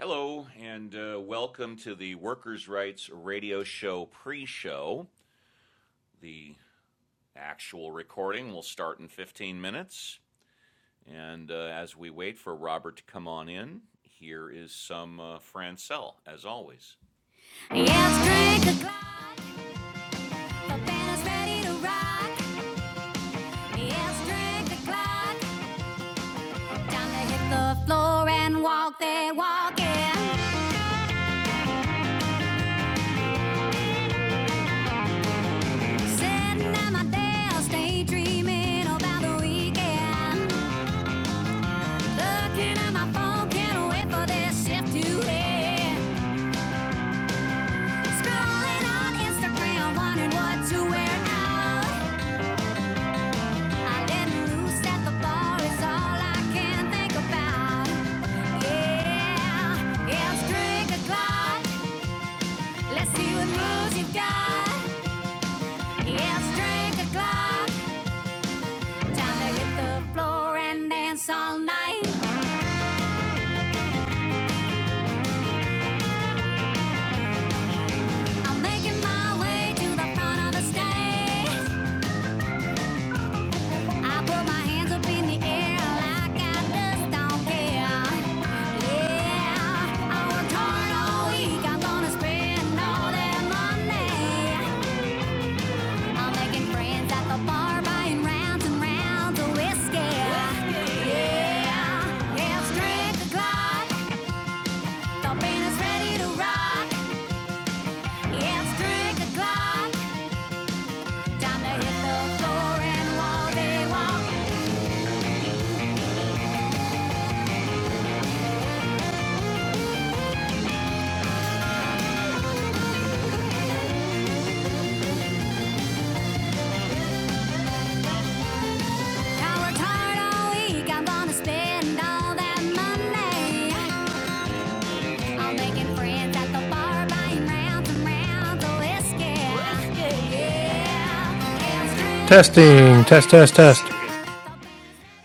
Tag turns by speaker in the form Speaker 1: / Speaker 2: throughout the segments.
Speaker 1: Hello, and uh, welcome to the Workers' Rights Radio Show pre show. The actual recording will start in 15 minutes. And uh, as we wait for Robert to come on in, here is some uh, Francel, as always. Yes, drink the clock. The band is ready to rock. Yes, drink the clock. Time to hit the floor and walk that walk in. Sitting at my desk, daydreaming about the weekend. Looking at my phone, can't wait for this shift to end. Scrolling on Instagram, wondering what to wear out. I let loose at the bar it's all I can think about. Yeah, yeah, it's drink o'clock. Let's see what moves you got. Yeah, It's drink o'clock. Time to hit the floor and dance all night. I'm making my way to the front of the stage. I put my hands up in the air like I just don't care. Yeah, I worked hard all week. I'm gonna spend all that money. I'm making friends at the bar, buying rounds and rounds of whiskey. Yeah, yeah, it's drink o'clock. The band is ready to rock. Yeah, It's drink o'clock. Time to hit the floor and walk they walk. Yeah,
Speaker 2: Testing, test, test, test.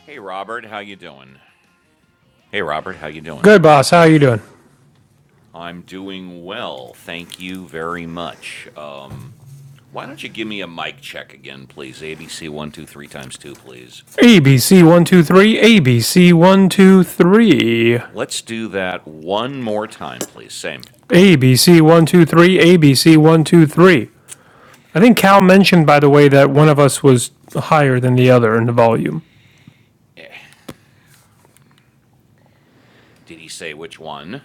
Speaker 1: Hey Robert, how you doing? Hey Robert, how you doing?
Speaker 2: Good, boss. How are you doing?
Speaker 1: I'm doing well, thank you very much. Um, why don't you give me a mic check again, please? ABC one two three times two, please.
Speaker 2: ABC one two three, ABC one two three,
Speaker 1: Let's do that one more time, please. Same. Go ahead.
Speaker 2: ABC one two three, ABC one two three. I think Cal mentioned, by the way, that one of us was higher than the other in the volume.
Speaker 1: Did he say which one?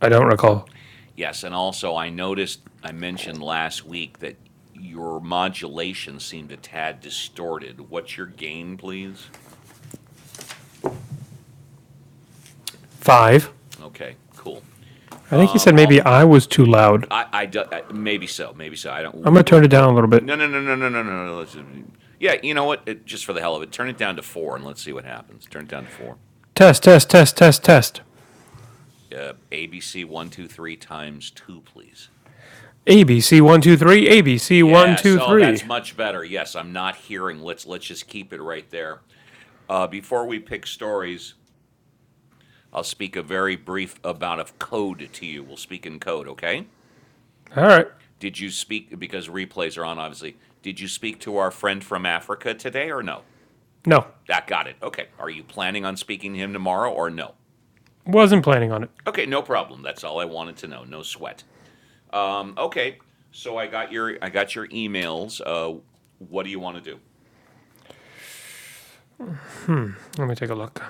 Speaker 2: I don't recall.
Speaker 1: Yes, and also I noticed I mentioned last week that your modulation seemed a tad distorted. What's your gain, please?
Speaker 2: Five.
Speaker 1: Okay, cool.
Speaker 2: I think he said
Speaker 1: Um,
Speaker 2: maybe
Speaker 1: I'll,
Speaker 2: I was too loud.
Speaker 1: I, I, do- maybe so, maybe so. I don't.
Speaker 2: I'm gonna
Speaker 1: We'll,
Speaker 2: turn it down
Speaker 1: we'll.
Speaker 2: a little bit.
Speaker 1: No, no, no, no, no, no, no. no. Let's, just, yeah, you know what? It, just for the hell of it, turn it down to four and let's see what happens. Turn it down to four.
Speaker 2: Test, test, test, test, test.
Speaker 1: Uh, ABC one two three times two, please.
Speaker 2: ABC one two three, ABC one
Speaker 1: Yes.
Speaker 2: two
Speaker 1: Oh, that's
Speaker 2: three.
Speaker 1: much better. Yes, I'm not hearing. Let's let's just keep it right there. Uh, before we pick stories, I'll speak a very brief amount of code to you. We'll speak in code, okay?
Speaker 2: All right.
Speaker 1: Did you speak, because replays are on, obviously. Did you speak to our friend from Africa today or no?
Speaker 2: No,
Speaker 1: That got it. Okay. Are you planning on speaking to him tomorrow or no?
Speaker 2: wasn't planning on it.
Speaker 1: Okay, no problem. That's all I wanted to know. No sweat. Um, okay. So I got your I got your emails. Uh, what do you want to do?
Speaker 2: Let me take a look.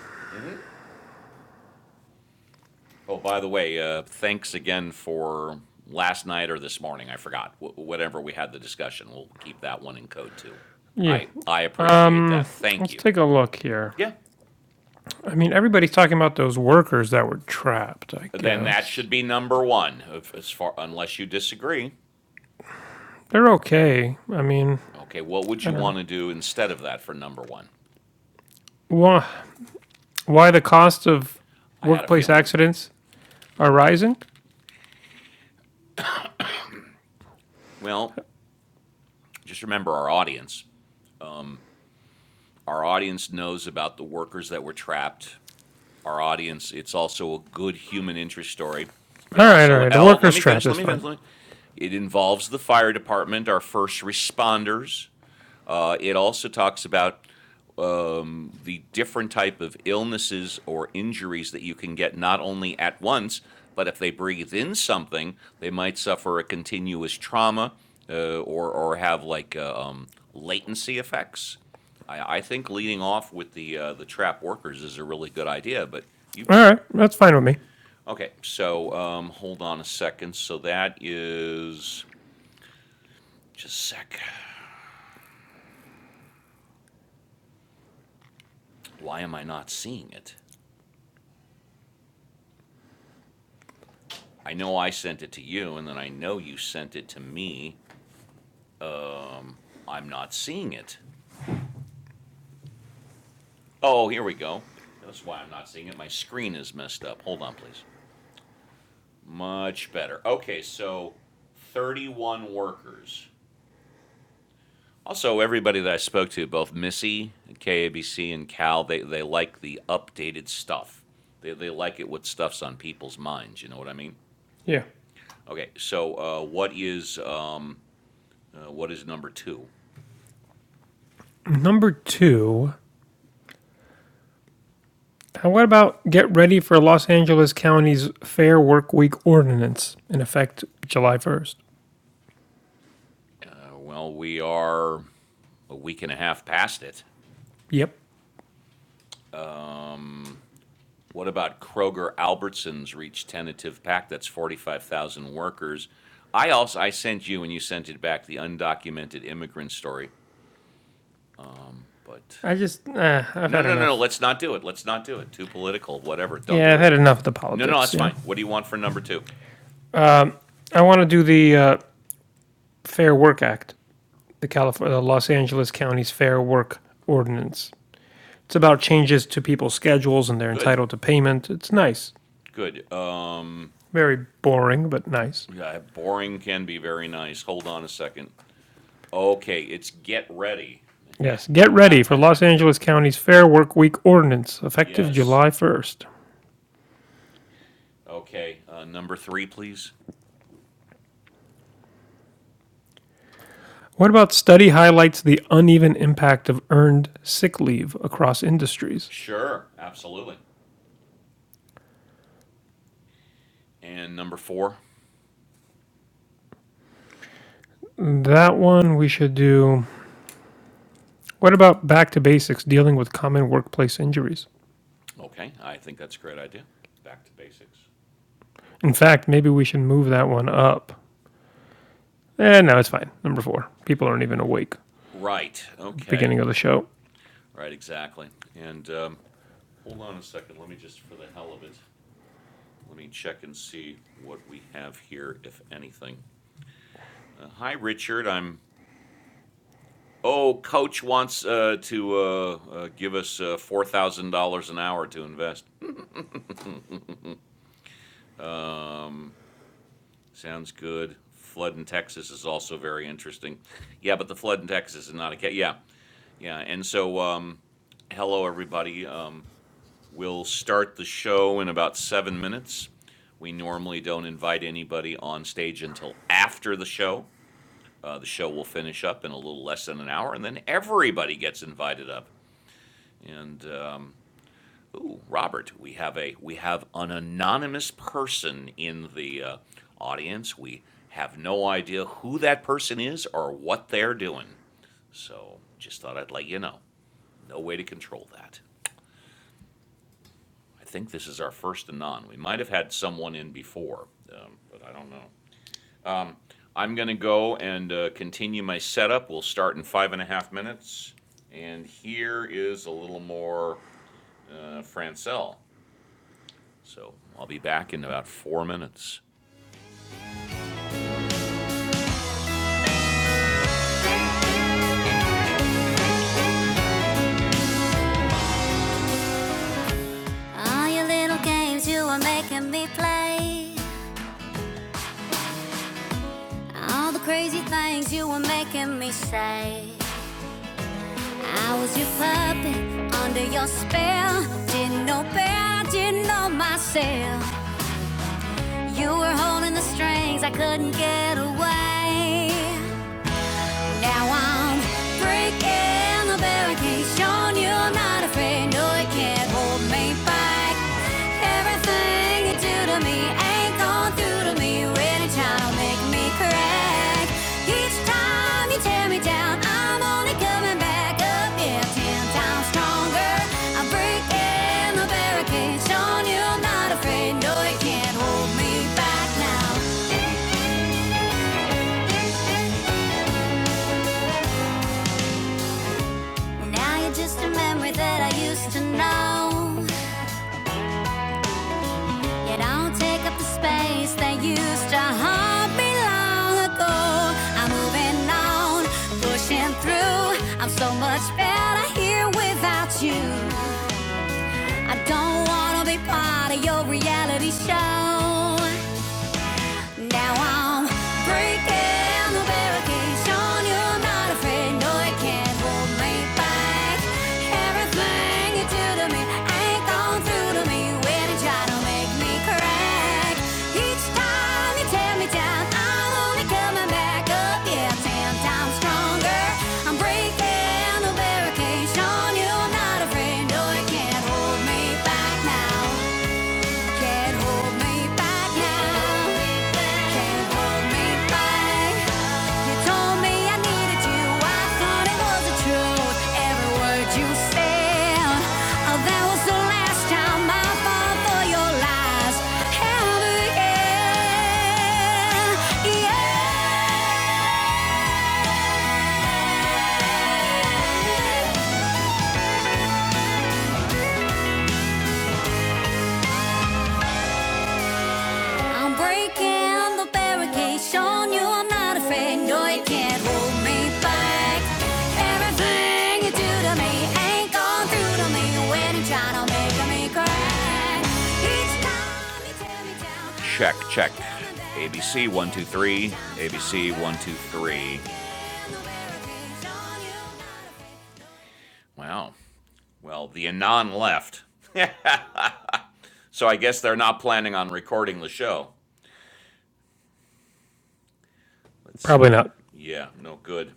Speaker 1: Oh, by the way, uh, thanks again for last night or this morning. I forgot. Wh- whatever we had the discussion, we'll keep that one in code too.
Speaker 2: Yeah.
Speaker 1: I I appreciate that. Thank
Speaker 2: Let's
Speaker 1: you.
Speaker 2: take a look here.
Speaker 1: Yeah.
Speaker 2: I mean, everybody's talking about those workers that were trapped, I
Speaker 1: Then that
Speaker 2: guess.
Speaker 1: should be number one, if, as far unless you disagree.
Speaker 2: They're okay. I mean,
Speaker 1: Okay, what would
Speaker 2: I
Speaker 1: you
Speaker 2: don't know.
Speaker 1: want to do instead of that for number one?
Speaker 2: Why, why the cost of
Speaker 1: I had a
Speaker 2: workplace
Speaker 1: feeling.
Speaker 2: accidents are rising?
Speaker 1: Well, just remember our audience. Our audience knows about the workers that were trapped our audience. It's also a good human interest story. It
Speaker 2: All right, all
Speaker 1: also,
Speaker 2: right. The
Speaker 1: oh, let
Speaker 2: workers
Speaker 1: me
Speaker 2: trapped
Speaker 1: finish, let
Speaker 2: is
Speaker 1: me finish.
Speaker 2: fine.
Speaker 1: Let me, it involves the fire department, our first responders. Uh, it also talks about um, the different type of illnesses or injuries that you can get not only at once, but if they breathe in something, they might suffer a continuous trauma uh, or or have like uh, um, latency effects. I, I think leading off with the uh, the trap workers is a really good idea, but you,
Speaker 2: All
Speaker 1: you
Speaker 2: right, that's fine with me.
Speaker 1: okay? So um, hold on a second. So that is just a sec. Why am I not seeing it? I know I sent it to you, and then I know you sent it to me. I'm not seeing it. Oh, here we go. That's why I'm not seeing it. My screen is messed up. Hold on, please. Much better. Okay, so 31 workers. Also, everybody that I spoke to, both Missy, KABC, and Cal, they, they like the updated stuff. They, they like it with stuff's on people's minds. You know what I mean?
Speaker 2: Yeah.
Speaker 1: Okay, so uh, what is um, uh, what is number two?
Speaker 2: Number two. How what about get ready for Los Angeles County's Fair Work Week ordinance in effect July 1st?
Speaker 1: Uh, well, we are a week and a half past it.
Speaker 2: Yep.
Speaker 1: What about Kroger Albertsons reached tentative pact? That's 45,000 workers. I also I sent you and you sent it back the undocumented immigrant story, but
Speaker 2: I just, uh, I've
Speaker 1: no,
Speaker 2: had
Speaker 1: no, no,
Speaker 2: enough.
Speaker 1: let's not do it. Let's not do it. Too political, whatever. Don't
Speaker 2: Yeah,
Speaker 1: do
Speaker 2: I've
Speaker 1: it.
Speaker 2: had enough of the
Speaker 1: No, no,
Speaker 2: politics,
Speaker 1: that's
Speaker 2: you know?
Speaker 1: fine. What do you want for number 2?
Speaker 2: I want to do the uh, Fair Work Act, the California, the Los Angeles County's Fair Work Ordinance. It's about
Speaker 1: Okay.
Speaker 2: changes to people's schedules and they're
Speaker 1: Good.
Speaker 2: entitled to payment. It's nice.
Speaker 1: Good. Um
Speaker 2: Very boring, but nice.
Speaker 1: yeah, boring can be very nice. Hold on a second. Okay, it's get ready.
Speaker 2: Yes. Get ready for Los Angeles County's Fair Work Week Ordinance, effective
Speaker 1: Yes.
Speaker 2: July 1st.
Speaker 1: Okay. Uh, number 3, please.
Speaker 2: What about study highlights the uneven impact of earned sick leave across industries?
Speaker 1: Sure, absolutely. And number 4.
Speaker 2: That one we should do. What about back to basics dealing with common workplace injuries?
Speaker 1: Okay, I think that's a great idea. Back to basics.
Speaker 2: In fact, maybe we should move that one up. Eh, no, it's fine. Number four. People aren't even awake
Speaker 1: Right,
Speaker 2: at the
Speaker 1: okay,
Speaker 2: beginning of the show.
Speaker 1: right, exactly. And um, hold on a second, let me just, for the hell of it, let me check and see what we have here, if anything. Uh, hi, Richard, I'm, oh, Coach wants uh, to uh, uh, give us uh, $4,000 an hour to invest. Sounds good. Flood in Texas is also very interesting. Yeah, but the flood in Texas is not a, ca- yeah, yeah. And so, um, hello, everybody. Um, We'll start the show in about seven minutes. We normally don't invite anybody on stage until after the show. Uh, the show will finish up in a little less than an hour, and then everybody gets invited up. And um, ooh, Robert, we have a we have an anonymous person in the uh, audience. We have no idea who that person is or what they're doing. So just thought I'd let you know. No way to control that. I think this is our first anon. We might have had someone in before, um, but I don't know. I'm going to go and uh, continue my setup. We'll start in five and a half minutes. And here is a little more uh, Francel. So I'll be back in about four minutes. All your little games you were making me play. All the crazy things you were making me say. I was your puppet under your spell. Didn't know better, didn't know myself. You were holding the strings, I couldn't get away. Now I'm breaking the barricades, showing you I'm not afraid. No, it can't hold me back. Everything you do to me ain't gone through to me. Really trying to make me crack. Each time you tear me down, I'm only coming back up. Yeah, ten times stronger. I'm breaking the barricades, showing you I'm not afraid. No, it can't hold me back now. Now you're just a memory that I used to know. It don't take up the space that used to haunt me long ago. I'm moving on, pushing through. I'm so much better here without you. I don't wanna be part of your reality show. Now I'm breaking the barricades, showing you're not afraid. No, it can't hold me back. Everything you do to me ain't gone through to me. When you try to make me crack, each time you tear me down, I'm only coming back up. Yeah, ten times stronger. I'm breaking the barricades, showing you're not afraid. No, it can't hold me back now. Can't hold me back now. Can't hold me back. You told me I needed you. I thought it was the truth. Every word you said. Oh, that was the last time I fall for your lies. Ever again. Yeah. Yeah. I'm breaking the barricade, showing you I'm not afraid. No, you can't hold me back. Everything you do to me ain't gone through to me when you're trying to make me cry. Each time you tear me down. Check, check. ABC 123, ABC 123. Wow. Well, the Anon left. So I guess they're not planning on recording the show. Let's,
Speaker 2: Probably
Speaker 1: uh,
Speaker 2: not.
Speaker 1: yeah, no good.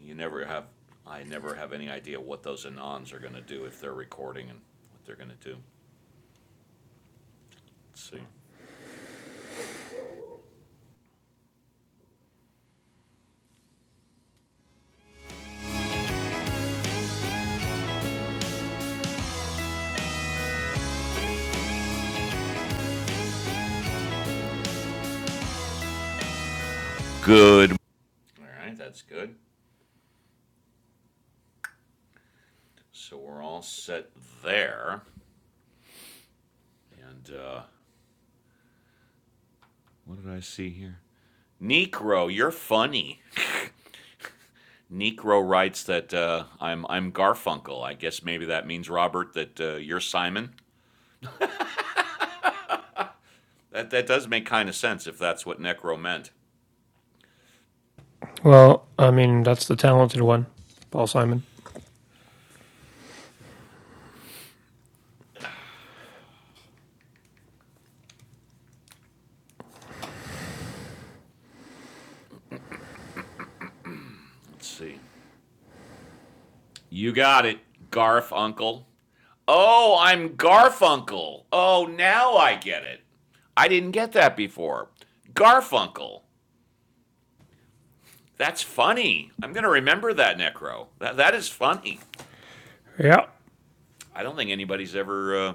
Speaker 1: you never have, I never have any idea what those Anons are going to do if they're recording and what they're going to do. Let's see. Good. All right, that's good. So we're all set there. And uh, what did I see here? Necro, you're funny. Necro writes that uh, I'm I'm Garfunkel. I guess maybe that means Robert that uh, you're Simon. That that does make kind of sense if that's what Necro meant.
Speaker 2: Well, I mean, that's the talented one, Paul Simon.
Speaker 1: Let's see. You got it, Garfunkel. Oh, I'm Garfunkel. Oh, now I get it. I didn't get that before. Garfunkel. That's funny. I'm going to remember that, Necro. That, that is funny.
Speaker 2: Yeah,
Speaker 1: I don't think anybody's ever uh,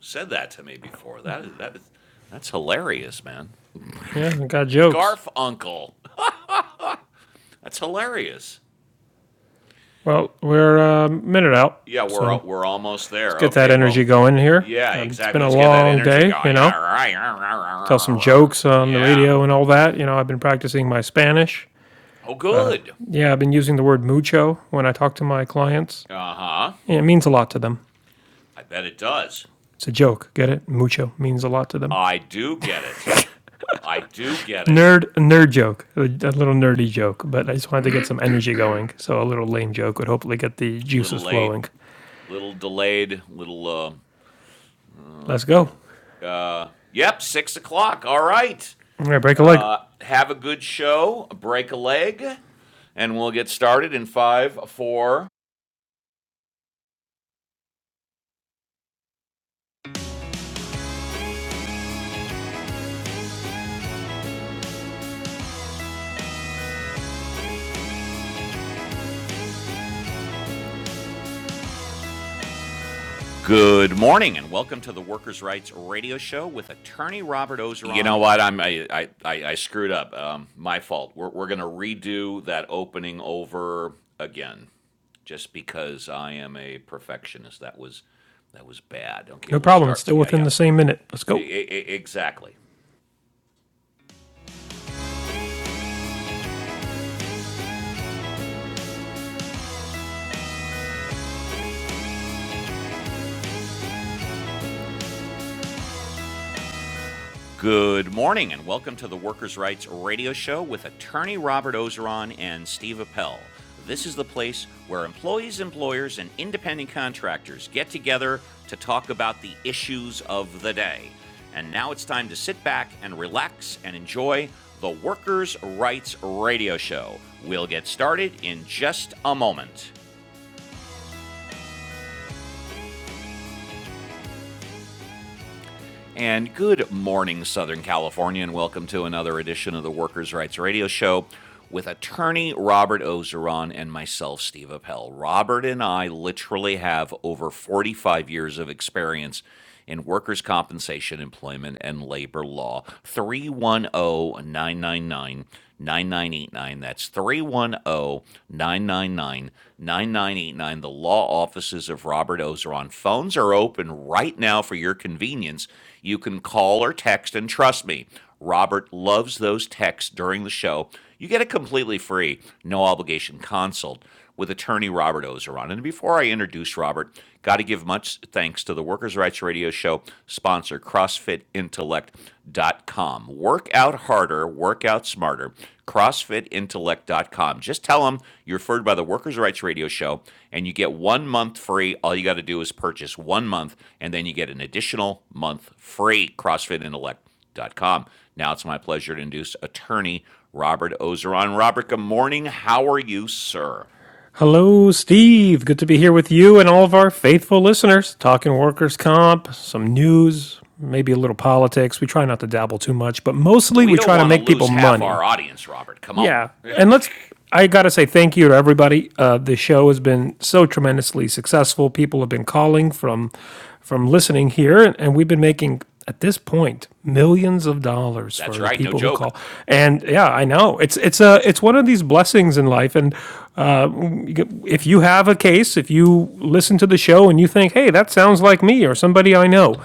Speaker 1: said that to me before. That is, that is, that's hilarious, man.
Speaker 2: yeah, I got jokes.
Speaker 1: Garfunkel. That's hilarious.
Speaker 2: Well, we're uh, a minute out,
Speaker 1: Yeah, we're
Speaker 2: so
Speaker 1: we're almost
Speaker 2: let's
Speaker 1: there.
Speaker 2: get that
Speaker 1: Okay,
Speaker 2: energy
Speaker 1: well,
Speaker 2: going here.
Speaker 1: yeah,
Speaker 2: Um, it's been
Speaker 1: exactly.
Speaker 2: a
Speaker 1: Let's get that
Speaker 2: long
Speaker 1: energy
Speaker 2: day, you
Speaker 1: going. Yeah.
Speaker 2: know. Tell some
Speaker 1: right.
Speaker 2: jokes on the
Speaker 1: Yeah.
Speaker 2: radio and all that. You know, I've been practicing my Spanish.
Speaker 1: Oh,
Speaker 2: Uh,
Speaker 1: good.
Speaker 2: yeah, I've been using the word mucho when I talk to my clients.
Speaker 1: Uh huh.
Speaker 2: Yeah, it means a lot to them.
Speaker 1: I bet it does.
Speaker 2: It's a joke. Get it? Mucho means a lot to them.
Speaker 1: I do get it. I do get it.
Speaker 2: Nerd, a nerd joke, a, a little nerdy joke, but I just wanted to get some energy going. So a little lame joke would hopefully get the
Speaker 1: Little
Speaker 2: juices
Speaker 1: late,
Speaker 2: flowing.
Speaker 1: little delayed, little, uh,
Speaker 2: Let's go.
Speaker 1: yeah. Uh, yep, six o'clock. All right.
Speaker 2: All right, break a leg.
Speaker 1: Uh, have a good show. Break a leg. And we'll get started in five, four. Good morning, and welcome to the Workers' Rights Radio Show. You know what? I'm I I, I screwed up. Um, my fault. We're we're gonna redo that opening over again, just because I am a perfectionist. That was that was bad. Okay,
Speaker 2: No
Speaker 1: we'll
Speaker 2: problem. It's
Speaker 1: start.
Speaker 2: still
Speaker 1: Yeah,
Speaker 2: within
Speaker 1: yeah,
Speaker 2: the same minute. Let's
Speaker 1: I-
Speaker 2: go.
Speaker 1: I- exactly. Good morning, and welcome to the Workers' Rights Radio Show with attorney Robert Ozeron and Steve Appel. This is the place where employees, employers, and independent contractors get together to talk about the issues of the day. And now it's time to sit back and relax and enjoy the Workers' Rights Radio Show. We'll get started in just a moment. And good morning, Southern California, and welcome to another edition of the Workers' Rights Radio Show with attorney Robert Ozeron and myself, Steve Appel. Robert and I literally have over 45 years of experience in workers' compensation, employment, and labor law. 310 999. 9989. That's 310 999 9989. The law offices of Robert Ozeron. Phones are open right now for your convenience. You can call or text, and trust me, Robert loves those texts during the show. You get a completely free, no obligation consult with attorney Robert Ozeron. And before I introduce Robert, got to give much thanks to the Workers' Rights Radio Show sponsor, CrossFitIntellect.com. Work out harder, work out smarter. CrossFitIntellect.com. Just tell them you're referred by the Workers' Rights Radio Show, and you get one month free. All you got to do is purchase one month, and then you get an additional month free. CrossFit Intellect com. Now it's my pleasure to introduce attorney Robert Ozeron. Robert, good morning. How are you, sir?
Speaker 2: Hello, Steve. Good to be here with you and all of our faithful listeners. Talking workers' comp, some news, maybe a little politics. We try not to dabble too much, but mostly
Speaker 1: We
Speaker 2: we
Speaker 1: don't
Speaker 2: try to
Speaker 1: want to
Speaker 2: make people
Speaker 1: lose half
Speaker 2: money.
Speaker 1: our audience, Robert. Come on.
Speaker 2: Yeah. And let's, I got to say thank you to everybody. Uh, the show has been so tremendously successful. People have been calling from, from listening here, and, and we've been making, at this point, millions of dollars
Speaker 1: That's
Speaker 2: for the
Speaker 1: right, no
Speaker 2: people who
Speaker 1: joke.
Speaker 2: call. And yeah, I know it's, it's a, it's one of these blessings in life. And if you have a case, if you listen to the show and you think, hey, that sounds like me or somebody I know,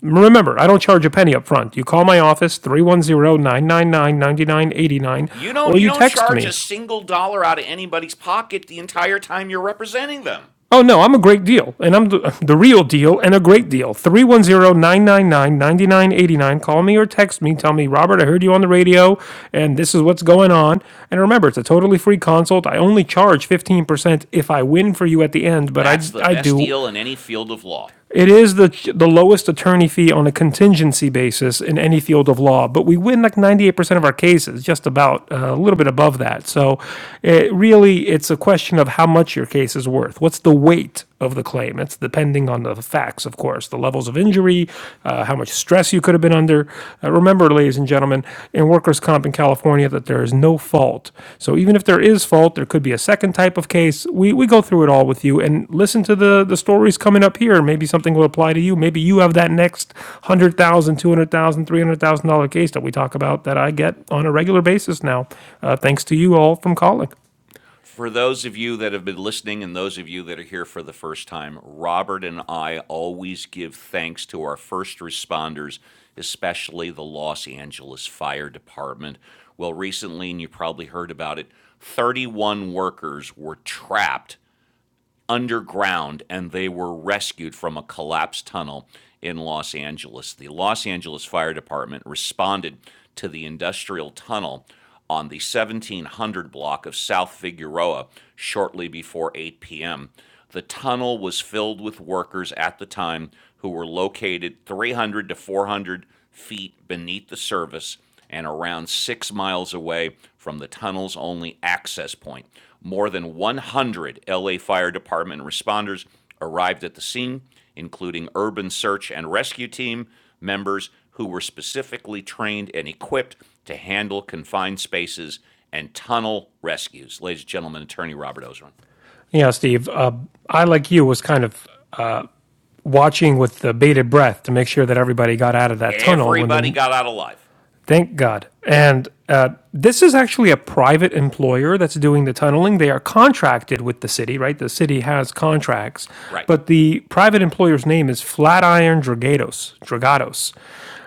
Speaker 2: remember, I don't charge a penny up front. You call my office, three one zero nine nine nine ninety nine eighty nine,
Speaker 1: You don't
Speaker 2: or
Speaker 1: you
Speaker 2: you
Speaker 1: don't
Speaker 2: text
Speaker 1: charge a
Speaker 2: me.
Speaker 1: single dollar out of anybody's pocket the entire time you're representing them.
Speaker 2: Oh, no, I'm a great deal, and I'm the, the real deal and a great deal. Three one zero nine nine nine ninety nine eighty nine. Call me or text me. Tell me, Robert, I heard you on the radio, and this is what's going on. And remember, it's a totally free consult. I only charge 15% if I win for you at the end, but
Speaker 1: That's
Speaker 2: I,
Speaker 1: the
Speaker 2: I
Speaker 1: best
Speaker 2: do
Speaker 1: deal in any field of law.
Speaker 2: It is the the lowest attorney fee on a contingency basis in any field of law, but we win like 98% of our cases, just about uh, a little bit above that. So, it really it's a question of how much your case is worth. What's the weight of the claim? It's depending on the facts, of course, the levels of injury, uh, how much stress you could have been under. Uh, remember, ladies ladies and gentlemen, in workers' comp in California that there is no fault. So even if there is fault, there could be a second type of case. We, we go through it all with you and listen to the, the stories coming up here. Maybe something will apply to you. Maybe you have that next one hundred thousand, dollars, two hundred thousand, dollars, three hundred thousand dollar case that we talk about that I get on a regular basis now, uh, thanks to you all from calling.
Speaker 1: For those of you that have been listening and those of you that are here for the first time, Robert and I always give thanks to our first responders, especially the Los Angeles Fire Department. Well, recently, and you probably heard about it, 31 workers were trapped underground and they were rescued from a collapsed tunnel in Los Angeles. The Los Angeles Fire Department responded to the industrial tunnel on the 1700 block of South Figueroa shortly before 8 p.m. The tunnel was filled with workers at the time who were located 300 to 400 feet beneath the surface and around six miles away from the tunnel's only access point. More than 100 LA Fire Department responders arrived at the scene, including urban search and rescue team members who were specifically trained and equipped to handle confined spaces and tunnel rescues. Ladies and gentlemen, attorney Robert Ozeron.
Speaker 2: Yeah, Steve, uh, I like you was kind of uh, watching with the bated breath to make sure that everybody got out of that tunnel when
Speaker 1: Everybody
Speaker 2: the
Speaker 1: got out alive.
Speaker 2: Thank God.
Speaker 1: Yeah.
Speaker 2: And uh, this is actually a private employer that's doing the tunneling. They are contracted with the city, right? The city has contracts,
Speaker 1: Right.
Speaker 2: but the private employer's name is Flatiron Dragados. Dragados.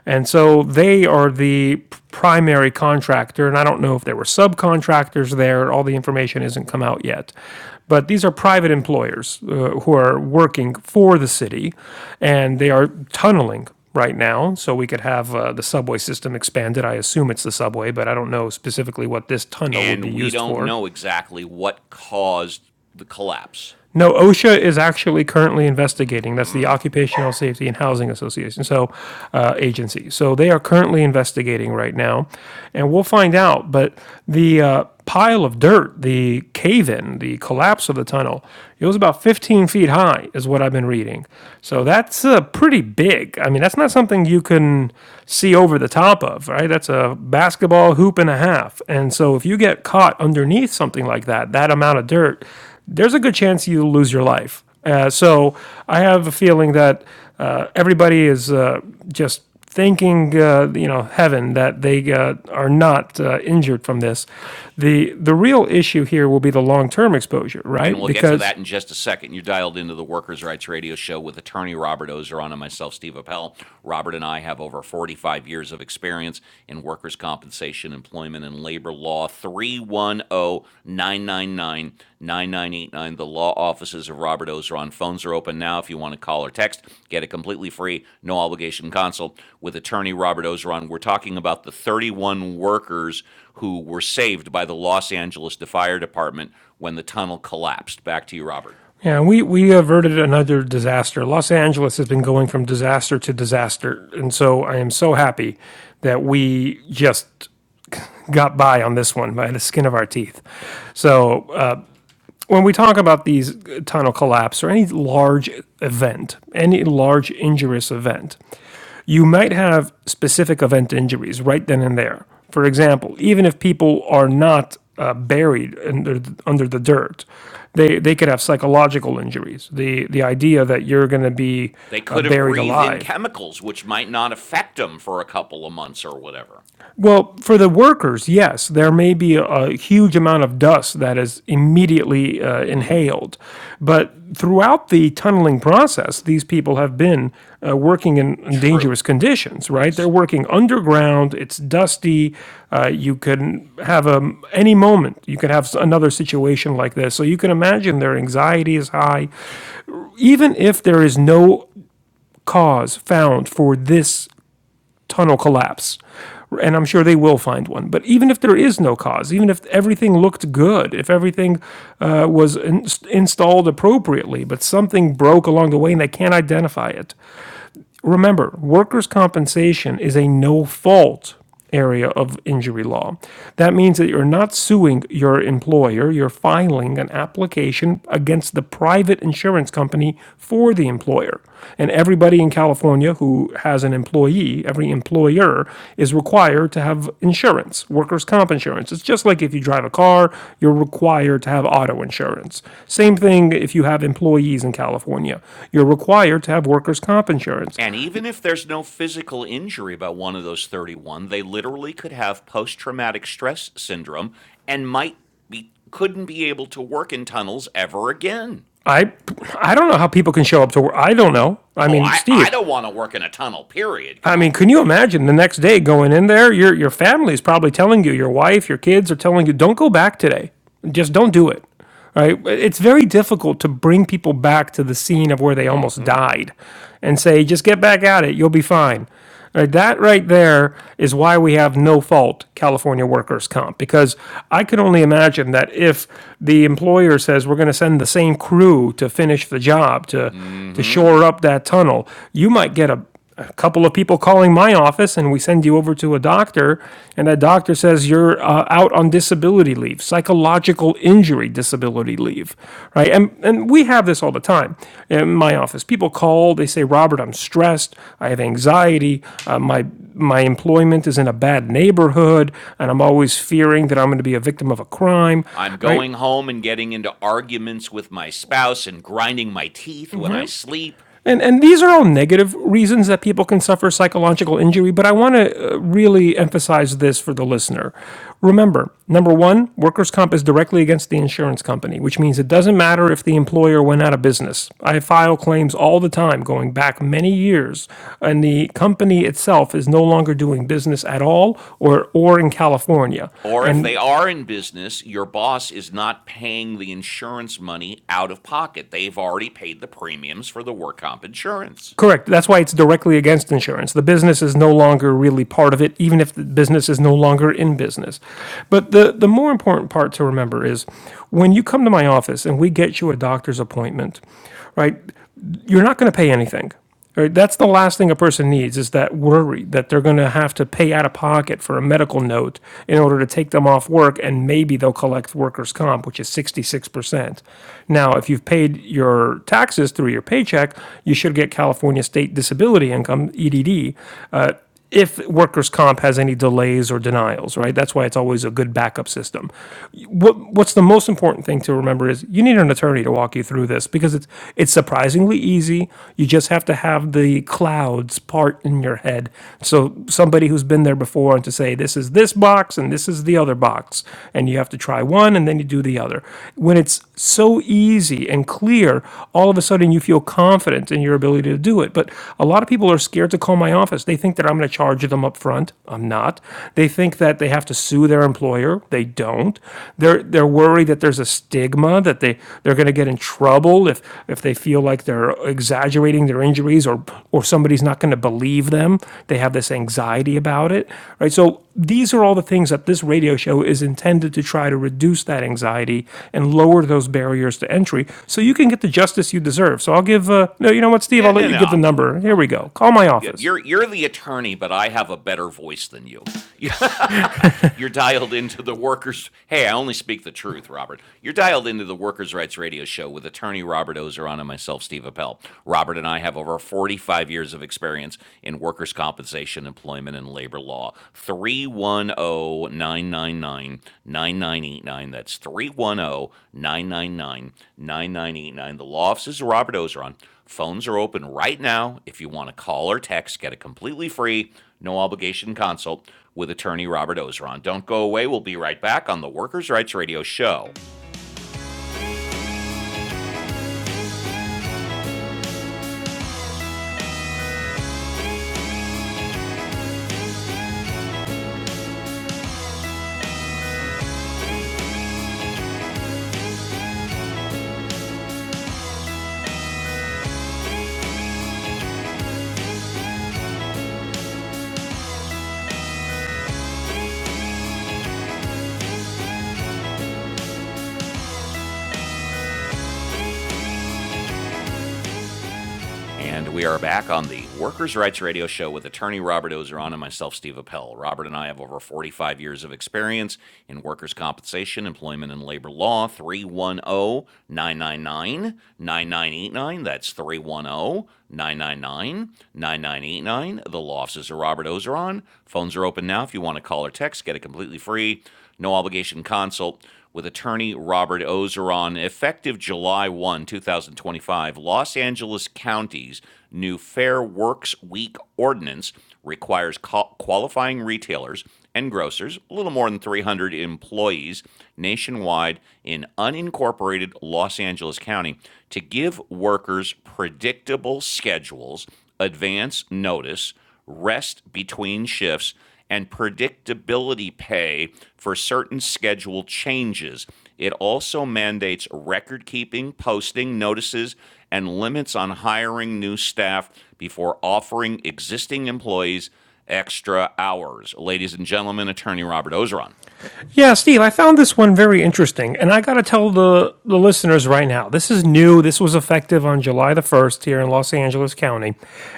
Speaker 2: And so they are the primary contractor. And I don't know if there were subcontractors there. All the information has not come out yet. But these are private employers uh, who are working for the city and they are tunneling right now. So we could have uh, the subway system expanded. I assume it's the subway, but I don't know specifically what this tunnel would be
Speaker 1: And we
Speaker 2: used
Speaker 1: don't
Speaker 2: for.
Speaker 1: know exactly what caused the collapse.
Speaker 2: No, OSHA is actually currently investigating. That's the Occupational Safety and Housing Association, so uh, agency. So they are currently investigating right now, and we'll find out. But the uh, pile of dirt, the cave-in, the
Speaker 1: Oh, yeah.
Speaker 2: collapse of the tunnel, it was about 15 feet high, is what I've been reading. So that's uh, pretty big. I mean, that's not something you can see over the top of, right? That's a basketball hoop and a half. And so if you get caught underneath something like that, that amount of dirt there's a good chance you lose your life. Uh, so I have a feeling that uh, everybody is uh, just thanking uh, you know heaven that they uh, are not uh, injured from this. The the real issue here will be the long term exposure,
Speaker 1: and
Speaker 2: right?
Speaker 1: we'll get to
Speaker 2: Because
Speaker 1: that in just a second. You're dialed into the Workers' Rights Radio Show with attorney Robert Ozeron and myself, Steve Appel. Robert and I have over 45 years of experience in workers' compensation, employment, and labor law. Three one o 999 9989. the law offices of Robert Ozeron. Phones are open now if you want to call or text. Get a completely free, no obligation consult with attorney Robert Ozeron. We're talking about the 31 workers who were saved by the Los Angeles Fire Department when the tunnel collapsed. Back to you, Robert.
Speaker 2: yeah, we we averted another disaster. Los Angeles has been going from disaster to disaster, and so I am so happy that we just got by on this one by the skin of our teeth. So uh, when we talk about these tunnel collapse or any large event, any large injurious event, you might have specific event injuries right then and there. For example, even if people are not uh, buried under under the dirt, they they could have psychological injuries. The the idea that you're going to be
Speaker 1: They
Speaker 2: uh,
Speaker 1: could have
Speaker 2: buried
Speaker 1: breathed in
Speaker 2: alive
Speaker 1: chemicals, which might not affect them for a couple of months or whatever.
Speaker 2: Well, for the workers, yes, there may be a, a huge amount of dust that is immediately uh, inhaled. But throughout the tunneling process, these people have been uh, working in, in
Speaker 1: True.
Speaker 2: dangerous conditions, right? They're
Speaker 1: Yes.
Speaker 2: working underground, it's dusty. Uh, you can have a, any moment, you could have s- another situation like this. So you can imagine their anxiety is high. Even if there is no cause found for this tunnel collapse. And I'm sure they will find one. But even if there is no cause, even if everything looked good, if everything uh, was in- installed appropriately, but something broke along the way and they can't identify it, remember, workers' compensation is a no fault area of injury law. That means that you're not suing your employer, you're filing an application against the private insurance company for the employer. And everybody in California who has an employee, every employer is required to have insurance, workers' comp insurance. It's just like if you drive a car, you're required to have auto insurance. Same thing if you have employees in California, you're required to have workers' comp insurance.
Speaker 1: And even if there's no physical injury by one of those 31, they literally could have post traumatic stress syndrome and might be couldn't be able to work in tunnels ever again.
Speaker 2: I I don't know how people can show up to work. I don't know. I
Speaker 1: Oh,
Speaker 2: mean,
Speaker 1: I, I
Speaker 2: Steve.
Speaker 1: don't want to work in a tunnel, period. Come
Speaker 2: I mean,
Speaker 1: on.
Speaker 2: can you imagine the next day going in there? Your your family is probably telling you, your wife, your kids are telling you, don't go back today. Just don't do it. Right? It's very difficult to bring people back to the scene of where they almost died, and say, just get back at it. You'll be fine. Uh, That right there is why we have no fault California workers' comp, because I could only imagine that if the employer says we're going to send the same crew to finish the job to to shore up that tunnel, you might get a, a couple of people calling my office, and we send you over to a doctor, and that doctor says you're uh, out on disability leave, psychological injury disability leave, right? And and we have this all the time in my office. People call, they say, "Robert, I'm stressed. I have anxiety. Uh, my my employment is in a bad neighborhood, and I'm always fearing that I'm going to be a victim of a crime."
Speaker 1: I'm
Speaker 2: Right?
Speaker 1: going home and getting into arguments with my spouse and grinding my teeth when I
Speaker 2: Yeah,
Speaker 1: sleep.
Speaker 2: And, and these are all negative reasons that people can suffer psychological injury, but I want to really emphasize this for the listener. Remember, number one, workers' comp is directly against the insurance company, which means it doesn't matter if the employer went out of business. I file claims all the time, going back many years, and the company itself is no longer doing business at all or, or in California.
Speaker 1: Or if
Speaker 2: And
Speaker 1: they are in business, your boss is not paying the insurance money out of pocket. They've already paid the premiums for the work comp insurance.
Speaker 2: Correct. That's why it's directly against insurance. The business is no longer really part of it, even if the business is no longer in business. But the, the more important part to remember is when you come to my office and we get you a doctor's appointment, right? you're not going to pay anything. Right? That's the last thing a person needs is that worry that they're going to have to pay out of pocket for a medical note in order to take them off work, and maybe they'll collect workers' comp, which is 66%. Now, if you've paid your taxes through your paycheck, you should get California State Disability Income, EDD, uh, if workers' comp has any delays or denials, right? That's why it's always a good backup system. What What's the most important thing to remember is you need an attorney to walk you through this because it's it's surprisingly easy. You just have to have the clouds part in your head. So somebody who's been there before and to say this is this box and this is the other box, and you have to try one and then you do the other. When it's so easy and clear, all of a sudden you feel confident in your ability to do it. But a lot of people are scared to call my office. They they think that I'm going to charge them up front. I'm not. They think that they have to sue their employer. They don't. They're they're worried that there's a stigma that they they're going to get in trouble if if they feel like they're exaggerating their injuries or or somebody's not going to believe them. They have this anxiety about it, right? So these are all the things that this radio show is intended to try to reduce that anxiety and lower those barriers to entry so you can get the justice you deserve. So I'll give, uh, no, you know what, Steve,
Speaker 1: Yeah,
Speaker 2: I'll
Speaker 1: no,
Speaker 2: let you
Speaker 1: no,
Speaker 2: give the
Speaker 1: I'll do it.
Speaker 2: number. Here
Speaker 1: I'll
Speaker 2: we
Speaker 1: do it.
Speaker 2: go. Call my
Speaker 1: Yeah,
Speaker 2: office.
Speaker 1: you're you're the attorney, but I have a better voice than you. You're dialed into the workers. Hey, I only speak the truth, Robert. You're dialed into the Workers' Rights Radio Show with attorney Robert Ozeron and myself, Steve Appel. Robert and I have over 45 years of experience in workers' compensation, employment, and labor law. Three one o 999 9989. That's three one o 999 9989. The law offices of Robert Ozeron. Phones are open right now if you want to call or text. Get it completely free no obligation consult with attorney Robert Ozeron. Don't go away. We'll be right back on the Workers' Rights Radio Show. And we are back on the Workers' Rights Radio Show with attorney Robert Ozeron and myself, Steve Appel. Robert and I have over 45 years of experience in workers' compensation, employment, and labor law. 310 999 9989. That's 310 999 9989. The law offices of Robert Ozeron. Phones are open now if you want to call or text. Get it completely free. no obligation consult with attorney Robert Ozeron effective July 1, 2025. Los Angeles County's new Fair Works Week ordinance requires qualifying retailers and grocers, a little more than 300 employees nationwide in unincorporated Los Angeles County, to give workers predictable schedules, advance notice, rest between shifts, and predictability pay for certain schedule changes. It also mandates record keeping, posting notices, and limits on hiring new staff before offering existing employees extra hours. Ladies and gentlemen, attorney Robert Ozeron.
Speaker 2: Yeah, Steve, I found this one very interesting, and I got to tell the, the listeners right now this is new. This was effective on July the 1st here in Los Angeles County.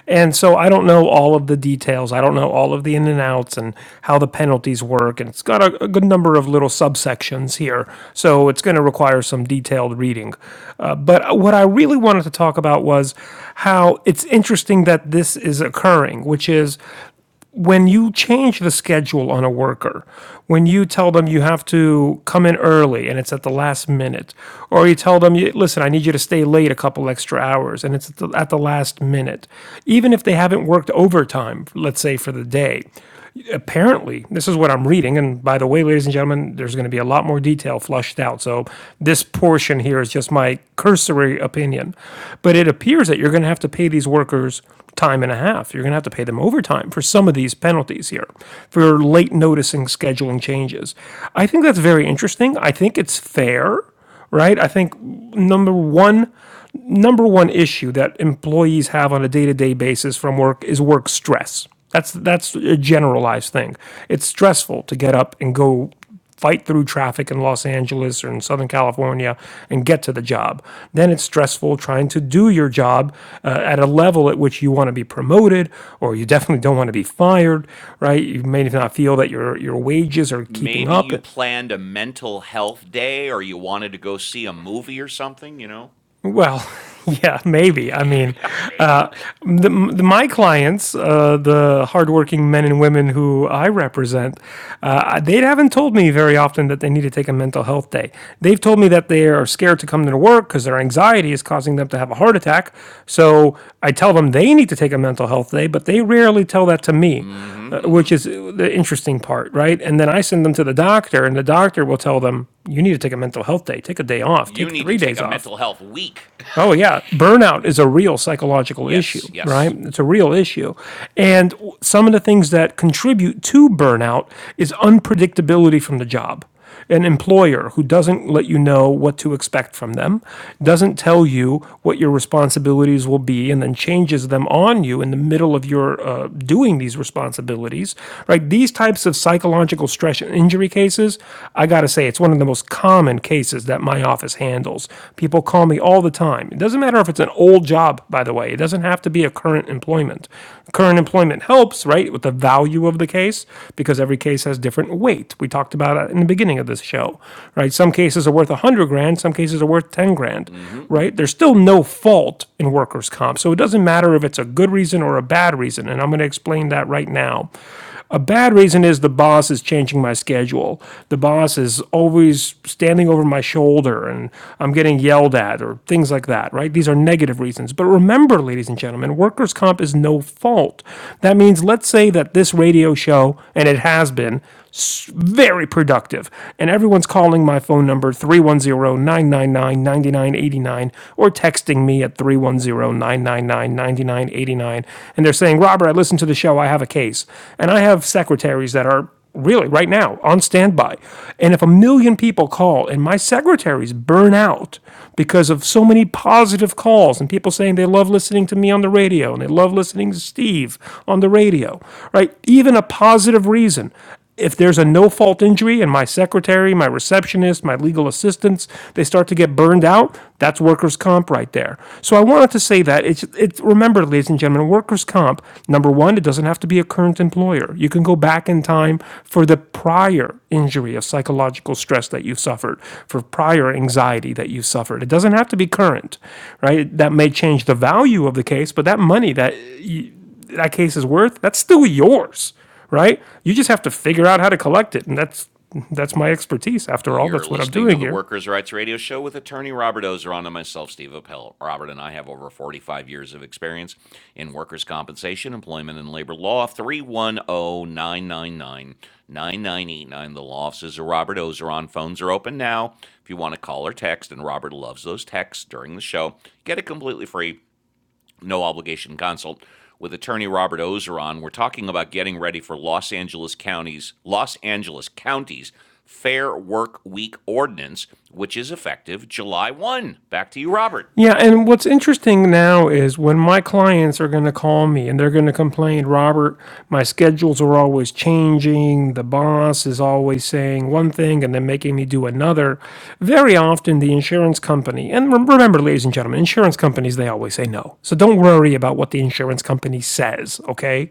Speaker 2: And so I don't know all of the details. I don't know all of the in and outs and how the penalties work. And it's got a, a good number of little subsections here. So it's going to require some detailed reading. Uh, but what I really wanted to talk about was how it's interesting that this is occurring, which is when you change the schedule on a worker, when you tell them you have to come in early and it's at the last minute, or you tell them, listen, I need you to stay late a couple extra hours and it's at the, at the last minute, even if they haven't worked overtime, let's say for the day, apparently, this is what I'm reading. And by the way, ladies and gentlemen, there's going to be a lot more detail flushed out. So this portion here is just my cursory opinion. But it appears that you're going to have to pay these workers time and a half. You're going to have to pay them overtime for some of these penalties here for late noticing scheduling changes. I think that's very interesting. I think it's fair, right? I think number one, number one issue that employees have on a day-to-day basis from work is work stress. That's that's a generalized thing. It's stressful to get up and go fight through traffic in Los Angeles or in Southern California and get to the job. Then it's stressful trying to do your job uh, at a level at which you want to be promoted or you definitely don't want to be fired, right? You may not feel that your your wages are keeping
Speaker 1: Maybe you
Speaker 2: up
Speaker 1: planned a mental health day or you wanted to go see a movie or something, you know?
Speaker 2: Well, yeah, maybe. I mean, uh,
Speaker 1: Maybe.
Speaker 2: the, the, my clients, uh, the hardworking men and women who I represent, uh, they haven't told me very often that they need to take a mental health day. They've told me that they are scared to come to work because their anxiety is causing them to have a heart attack. So I tell them they need to take a mental health day, but they rarely tell that to me,
Speaker 1: mm
Speaker 2: uh,
Speaker 1: hmm
Speaker 2: which is the interesting part, right? And then I send them to the doctor, and the doctor will tell them, you need to take a mental health day, take a day off,
Speaker 1: You
Speaker 2: take
Speaker 1: need to
Speaker 2: three
Speaker 1: take
Speaker 2: days
Speaker 1: a
Speaker 2: off.
Speaker 1: mental health week
Speaker 2: Oh, yeah. Burnout is a real psychological
Speaker 1: Yes,
Speaker 2: issue, right?
Speaker 1: yes.
Speaker 2: It's a real issue. And some of the things that contribute to burnout is unpredictability from the job. An employer who doesn't let you know what to expect from them, doesn't tell you what your responsibilities will be, and then changes them on you in the middle of your uh, doing these responsibilities, right? These types of psychological stress and injury cases cases, I gotta say, it's one of the most common cases that my office handles. People call me all the time. It doesn't matter if it's an old job, by the way, it doesn't have to be a current employment. Current employment helps, right, with the value of the case because every case has different weight. We talked about it in the beginning of this show, right? Some cases are worth 100 grand, some cases are worth 10 grand, right? There's still no fault in workers' comp. So it doesn't matter if it's a good reason or a bad reason. And I'm going to explain that right now. A bad reason is the boss is changing my schedule. The boss is always standing over my shoulder and I'm getting yelled at or things like that, right? These are negative reasons. But remember, ladies and gentlemen, workers' comp is no fault. That means let's say that this radio show, and it has been, very productive. And everyone's calling my phone number three one zero nine nine nine ninety nine eighty nine, or texting me at three one zero nine nine nine ninety nine eighty nine, And they're saying, Robert, I listened to the show. I have a case. And I have secretaries that are really right now on standby. And if a million people call and my secretaries burn out because of so many positive calls and people saying they love listening to me on the radio and they love listening to Steve on the radio, right? Even a positive reason if there's a no fault injury and my secretary, my receptionist, my legal assistants, they start to get burned out, that's workers' comp right there. So I wanted to say that it's it's remember, ladies and gentlemen, workers' comp, number one, it doesn't have to be a current employer. You can go back in time for the prior injury of psychological stress that you've suffered, for prior anxiety that you've suffered. It doesn't have to be current, right? That may change the value of the case, but that money that that case is worth, that's still yours, right? You just have to figure out how to collect it, and that's that's my expertise. After all,
Speaker 1: You're
Speaker 2: that's what I'm
Speaker 1: listening to
Speaker 2: doing
Speaker 1: the
Speaker 2: here.
Speaker 1: Workers' Rights Radio Show with attorney Robert Ozeron and myself, Steve Appel. Robert and I have over 45 years of experience in workers' compensation, employment, and labor law. Three one o 999 9989. The law offices of Robert Ozeron. Phones are open now if you want to call or text, and Robert loves those texts during the show. Get it completely free. no obligation consult with attorney Robert Ozeron. We're talking about getting ready for Los Angeles County's Los Angeles County's Fair Work Week ordinance, which is effective July 1. Back to you, Robert.
Speaker 2: Yeah, and what's interesting now is when my clients are going to call me and they're going to complain, Robert, my schedules are always changing. The boss is always saying one thing and then making me do another. Very often, the insurance company, and rem- remember, ladies and gentlemen, insurance companies, they always say no. So don't worry about what the insurance company says, okay?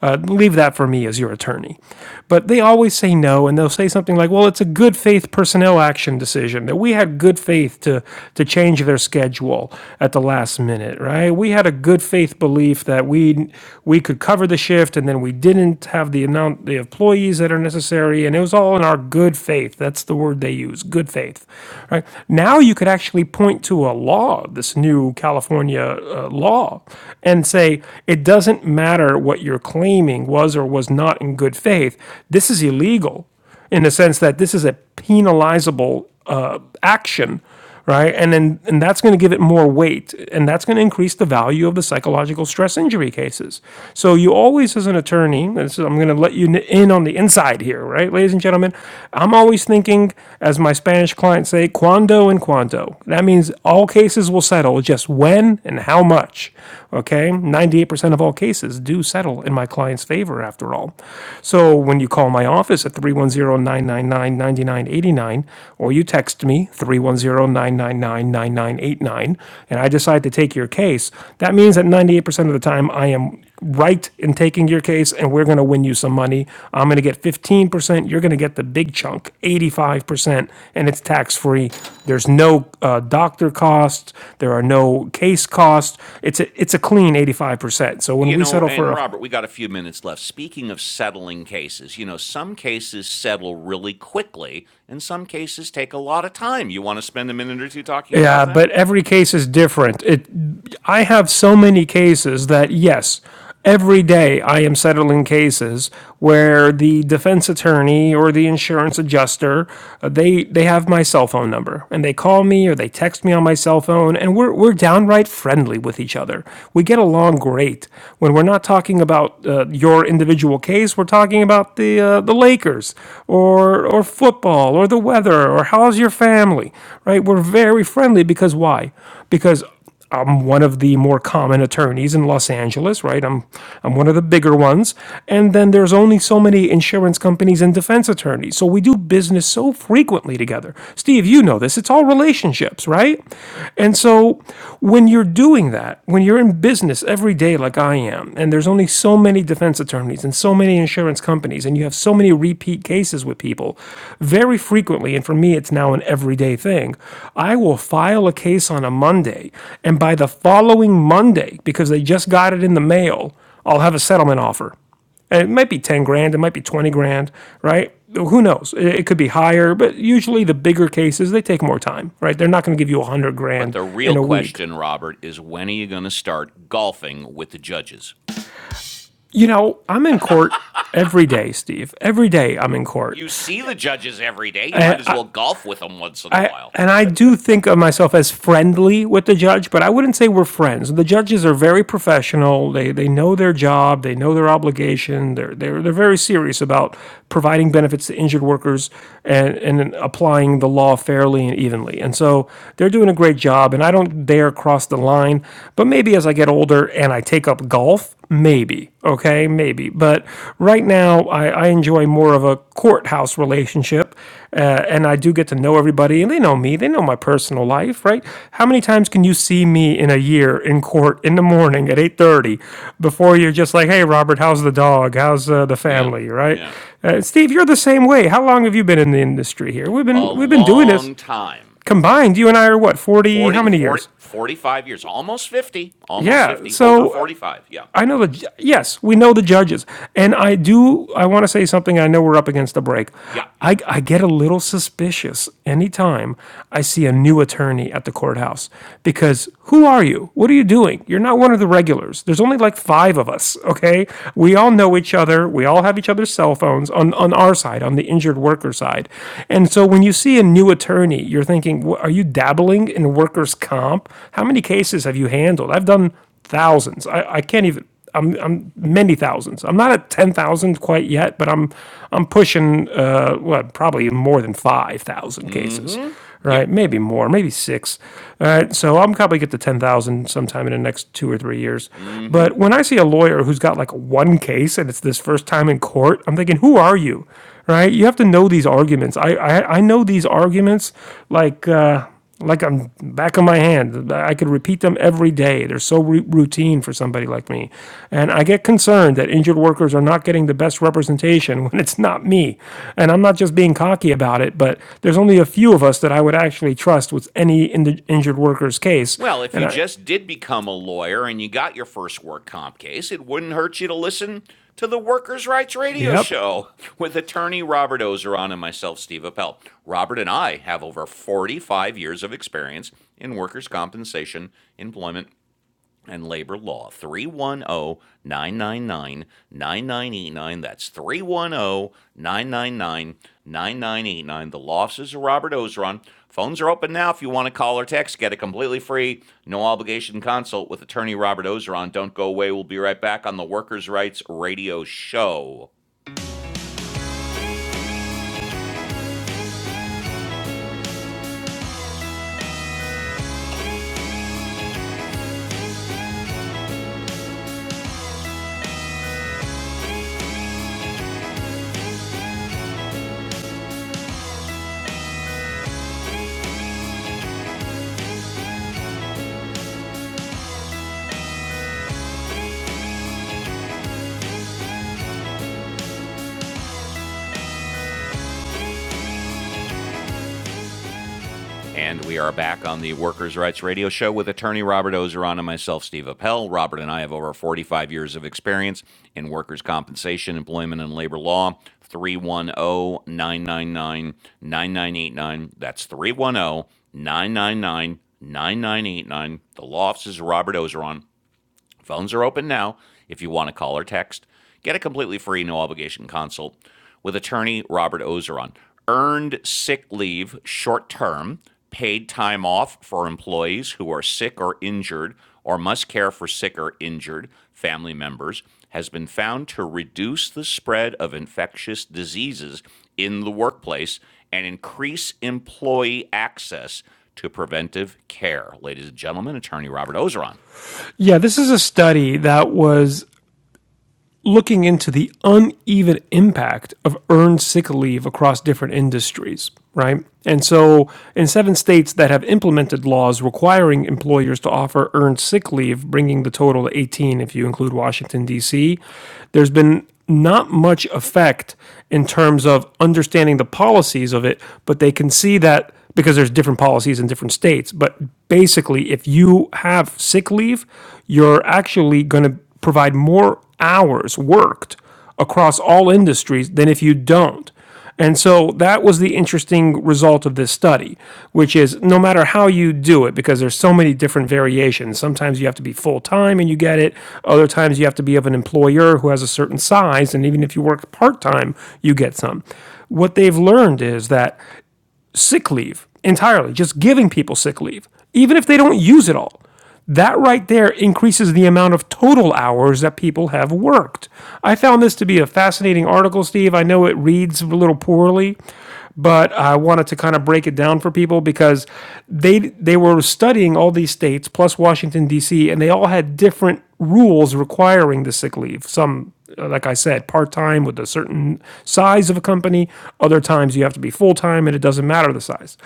Speaker 2: Uh, leave that for me as your attorney. But they always say no, and they'll say something like, well, it's a good faith personnel action decision that we we had good faith to to change their schedule at the last minute, right? We had a good faith belief that we we could cover the shift, and then we didn't have the amount the employees that are necessary, and it was all in our good faith. That's the word they use, good faith, right? Now you could actually point to a law, this new California uh, law, and say it doesn't matter what you're claiming was or was not in good faith. This is illegal in the sense that this is a penalizable uh, action, right? And then and that's going to give it more weight, and that's going to increase the value of the psychological stress injury cases. So you always, as an attorney, and this is, I'm going to let you in on the inside here, right, ladies and gentlemen. I'm always thinking, as my Spanish clients say, "cuando" and "cuanto." That means all cases will settle, just when and how much. Okay, 98% of all cases do settle in my client's favor, after all. So when you call my office at three one zero nine nine nine ninety nine eighty nine, or you text me three one zero nine nine nine nine nine eight nine, and I decide to take your case, that means that 98% of the time I am right in taking your case and we're going to win you some money. I'm going to get 15%, you're going to get the big chunk, 85%, and it's tax free. There's no uh, doctor costs, there are no case costs. It's a, it's a clean 85%. So when
Speaker 1: You
Speaker 2: we
Speaker 1: know,
Speaker 2: settle for
Speaker 1: and
Speaker 2: a
Speaker 1: Robert, we got a few minutes left. Speaking of settling cases, you know, some cases settle really quickly and some cases take a lot of time. You want to spend a minute or two talking about
Speaker 2: Yeah,
Speaker 1: that?
Speaker 2: but every case is different. It, I have so many cases that, yes, every day I am settling cases where the defense attorney or the insurance adjuster, uh, they, they have my cell phone number and they call me or they text me on my cell phone and we're, we're downright friendly with each other. We get along great. When we're not talking about uh, your individual case, we're talking about the, uh, the Lakers or or or football or the weather or how's your family, right? We're very friendly because why? Because I'm one of the more common attorneys in Los Angeles, right? I'm I'm one of the bigger ones. And then there's only so many insurance companies and defense attorneys. So we do business so frequently together. Steve, you know this. It's all relationships, right? And so when you're doing that, when you're in business every day like I am, and there's only so so many defense attorneys and so many insurance companies, and you have so many repeat cases with people very frequently. And for me, it's now an everyday thing. I will file a case on a Monday, and by the following Monday, because they just got it in the mail, I'll have a settlement offer. And it might be 10 grand, it might be 20 grand, right? Who knows? It it could be higher, but usually the bigger cases, they take more time, right? They're not going to give you 100
Speaker 1: But
Speaker 2: grand
Speaker 1: the real
Speaker 2: in a week.
Speaker 1: question, Robert, is when are you going to start golfing with the judges?
Speaker 2: You know, I'm in court every day, Steve. Every day I'm in court.
Speaker 1: You see the judges every day. You might as well golf with them once in a
Speaker 2: I
Speaker 1: while.
Speaker 2: and I do think of myself as friendly with the judge, but I wouldn't say we're friends. The judges are very professional. They they know their job, they know their obligation. They're they're they're very serious about providing benefits to injured workers and and applying the law fairly and evenly. And so they're doing a great job and I don't dare cross the line, but maybe as I get older and I take up golf, maybe okay maybe but right now I, I enjoy more of a courthouse relationship uh, and I do get to know everybody, and they know me, they know my personal life, right? How many times can you see me in a year in court in the morning at eight thirty, before you're just like, hey, Robert, how's the dog? How's uh, the
Speaker 1: Yeah,
Speaker 2: family, right?
Speaker 1: yeah.
Speaker 2: Uh, Steve, you're the same way. How long have you been in the industry here? We've been
Speaker 1: A
Speaker 2: we've been doing this
Speaker 1: long time.
Speaker 2: combined. You and I are what forty? How
Speaker 1: forty,
Speaker 2: many
Speaker 1: forty,
Speaker 2: years?
Speaker 1: forty-five years, almost 50, almost
Speaker 2: Yeah,
Speaker 1: 50, over
Speaker 2: so uh,
Speaker 1: 45. Yeah.
Speaker 2: I know the yes, we know the judges, and I do. I want to say something. I know we're up against the break.
Speaker 1: Yeah.
Speaker 2: I, I get a little suspicious anytime I see a new attorney at the courthouse because who are you? What are you doing? You're not one of the regulars. There's only like five of us. Okay, we all know each other. We all have each other's cell phones on on our side, on the injured worker side, and so when you see a new attorney, you're thinking, are you dabbling in workers' comp? How many cases have you handled? I've done thousands. I, I can't even. I'm I'm many thousands. I'm not at ten thousand quite yet, but I'm I'm pushing uh what probably more than five thousand cases, right?
Speaker 1: Yep.
Speaker 2: Maybe more, maybe six. All right, so I'm probably get to ten thousand sometime in the next two or three years. But when I see a lawyer who's got like one case and it's this first time in court, I'm thinking, who are you? Right? You have to know these arguments. I I, I know these arguments like. uh like I'm back of my hand. I could repeat them every day. They're so ru- routine for somebody like me. And I get concerned that injured workers are not getting the best representation when it's not me. And I'm not just being cocky about it, but there's only a few of us that I would actually trust with any in- injured worker's case.
Speaker 1: Well, if
Speaker 2: And
Speaker 1: you
Speaker 2: I,
Speaker 1: just did become a lawyer and you got your first work comp case, it wouldn't hurt you to listen to the Workers' Rights Radio
Speaker 2: yep.
Speaker 1: Show with attorney Robert Ozeron and myself, Steve Appel. Robert and I have over 45 years of experience in workers' compensation, employment, and labor law. 310 999 9989. That's 310 999 9989. The law offices of Robert Ozeron. Phones are open now if you want to call or text. Get a completely free, no obligation consult with attorney Robert Ozeron. Don't go away. We'll be right back on the Workers' Rights Radio Show. And we are back on the Workers' Rights Radio Show with attorney Robert Ozeron and myself, Steve Appel. Robert and I have over 45 years of experience in workers' compensation, employment, and labor law. 310 999 9989. That's 310 999 9989. The law office is Robert Ozeron. Phones are open now if you want to call or text. Get a completely free, no obligation consult with attorney Robert Ozeron. Earned sick leave, short term, paid time off for employees who are sick or injured or must care for sick or injured family members has been found to reduce the spread of infectious diseases in the workplace and increase employee access to preventive care. Ladies and gentlemen, attorney Robert Ozeron.
Speaker 2: Yeah, this is a study that was looking into the uneven impact of earned sick leave across different industries, right? And so, in seven states that have implemented laws requiring employers to offer earned sick leave, bringing the total to 18 if you include Washington, D.C., there's been not much effect in terms of understanding the policies of it, but they can see that because there's different policies in different states. But basically, if you have sick leave, you're actually going to provide more hours worked across all industries than if you don't. And so that was the interesting result of this study, which is no matter how you do it, because there's so many different variations. Sometimes you have to be full time and you get it. Other times you have to be of an employer who has a certain size. And even if you work part time, you get some. What they've learned is that sick leave entirely, just giving people sick leave, even if they don't use it all. That right there increases the amount of total hours that people have worked. I found this to be a fascinating article, Steve. I know it reads a little poorly, but I wanted to kind of break it down for people because they they were studying all these states plus Washington D.C. and they all had different rules requiring the sick leave. Some uh, like I said, part time with a certain size of a company. Other times you have to be full time and it doesn't matter the size.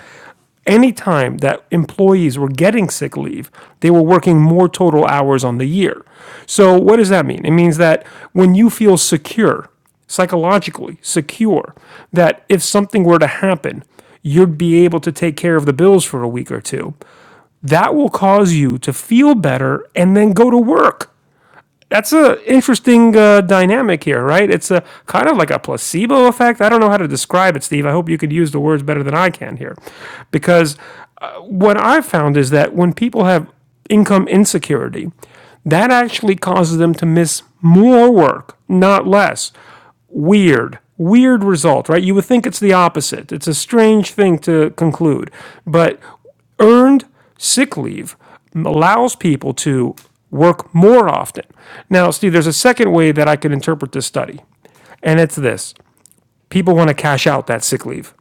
Speaker 2: Anytime that employees were getting sick leave, they were working more total hours on the year. So, what does that mean? It means that when you feel secure, psychologically secure, that if something were to happen, you'd be able to take care of the bills for a week or two. That will cause you to feel better and then go to work that's a interesting uh, dynamic here, right? It's a kind of like a placebo effect. I don't know how to describe it, Steve. I hope you could use the words better than I can here, because uh, what I've found is that when people have income insecurity, that actually causes them to miss more work, not less. Weird, weird result, right? You would think it's the opposite. It's a strange thing to conclude, but earned sick leave allows people to work more often. Now, Steve, there's a second way that I could interpret this study, and it's this people want to cash out that sick leave.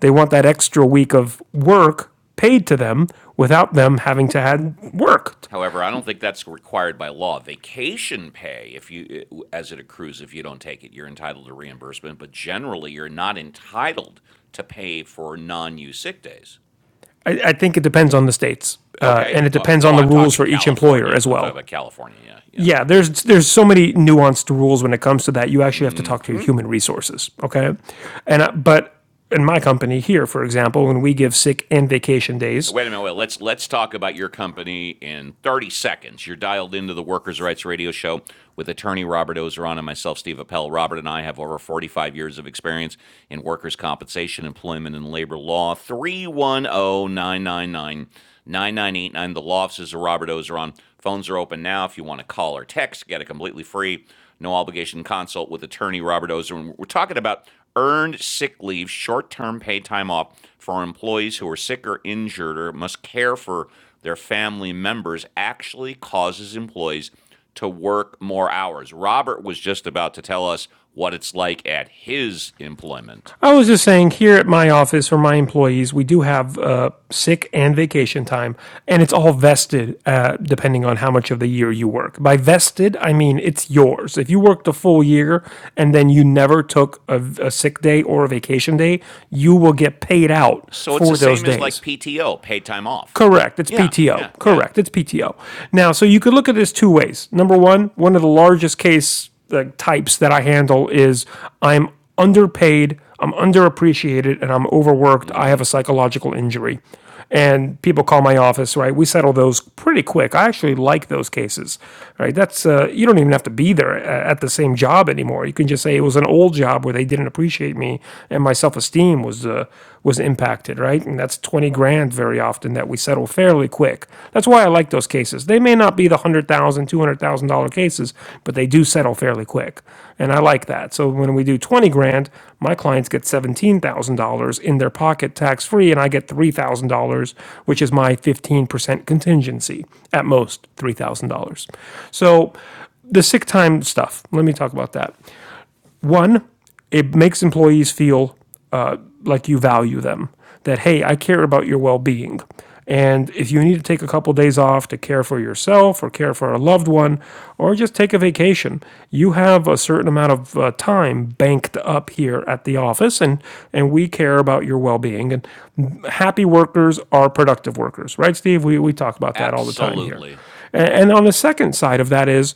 Speaker 2: They want that extra week of work paid to them without them having to have worked.
Speaker 1: However, I don't think that's required by law. Vacation pay, if you uh, as it accrues, if you don't take it, you're entitled to reimbursement. But generally, you're not entitled to pay for non-use sick days.
Speaker 2: I, I think it depends on the states, uh,
Speaker 1: Okay.
Speaker 2: and it
Speaker 1: Uh,
Speaker 2: depends
Speaker 1: oh,
Speaker 2: on the
Speaker 1: I'm
Speaker 2: rules
Speaker 1: talking
Speaker 2: for each employer
Speaker 1: California.
Speaker 2: as
Speaker 1: I'm talking
Speaker 2: well.
Speaker 1: about California. Yeah, yeah.
Speaker 2: yeah, there's there's so many nuanced rules when it comes to that. You actually have to talk to your human resources, okay? And uh, but in my company here, for example, when we give sick and vacation days,
Speaker 1: Wait a minute. Well, let's let's talk about your company in 30 seconds. You're dialed into the Workers' Rights Radio Show with attorney Robert Ozeron and myself, Steve Appel. Robert and I have over 45 years of experience in workers' compensation, employment, and labor law. Three one o nine nine nine nine nine eight nine. The law offices of Robert Ozeron. Phones are open now if you want to call or text. Get it completely free no obligation consult with attorney Robert Ozer. We're talking about earned sick leave, short term paid time off for employees who are sick or injured or must care for their family members actually causes employees to work more hours. Robert was just about to tell us what it's like at his employment.
Speaker 2: I was just saying here at my office for my employees, we do have uh, sick and vacation time, and it's all vested uh, depending on how much of the year you work. By vested, I mean it's yours. If you worked a full year and then you never took a, a sick day or a vacation day, you will get paid out
Speaker 1: So it's the
Speaker 2: for those
Speaker 1: same as like
Speaker 2: days.
Speaker 1: PTO, paid time off.
Speaker 2: Correct. It's
Speaker 1: Yeah,
Speaker 2: PTO.
Speaker 1: yeah, yeah.
Speaker 2: Correct. It's PTO. Now, so you could look at this two ways. Number one, one of the largest case uh, types that I handle is I'm underpaid, I'm underappreciated, and I'm overworked. I have a psychological injury. And people call my office, right? We settle those pretty quick. I actually like those cases, right? That's, uh, you don't even have to be there uh, at the same job anymore. You can just say it was an old job where they didn't appreciate me and my self esteem team was uh, was impacted, right? And that's twenty grand very often that we settle fairly quick. That's why I like those cases. They may not be the one hundred thousand, dollars, two hundred thousand dollar cases, but they do settle fairly quick, and I like that. So when we do twenty grand, my clients get seventeen thousand dollars in their pocket tax free, and I get three thousand dollars, which is my fifteen percent contingency at most, three thousand dollars. So the sick time stuff. Let me talk about that. One, it makes employees feel uh, like you value them, that, hey, I care about your well being. And if you need to take a couple of days off to care for yourself or care for a loved one or just take a vacation, you have a certain amount of uh, time banked up here at the office and, and we care about your well being. And happy workers are productive workers, right, Steve? We, we talk about that all the time here.
Speaker 1: Absolutely.
Speaker 2: And, and on the second side of that is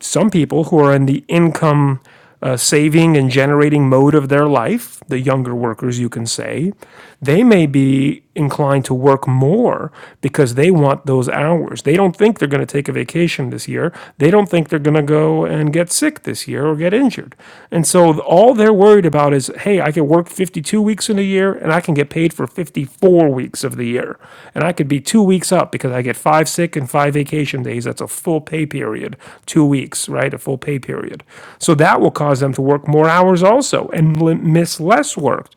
Speaker 2: some people who are in the income uh, saving and generating mode of their life, the younger workers, you can say, they may be inclined to work more because they want those hours. They don't think they're going to take a vacation this year. They don't think they're going to go and get sick this year or get injured. And so all they're worried about is hey, I can work 52 weeks in a year and I can get paid for 54 weeks of the year. And I could be two weeks up because I get five sick and five vacation days. That's a full pay period, two weeks, right? A full pay period. So that will cause them to work more hours also and miss less work.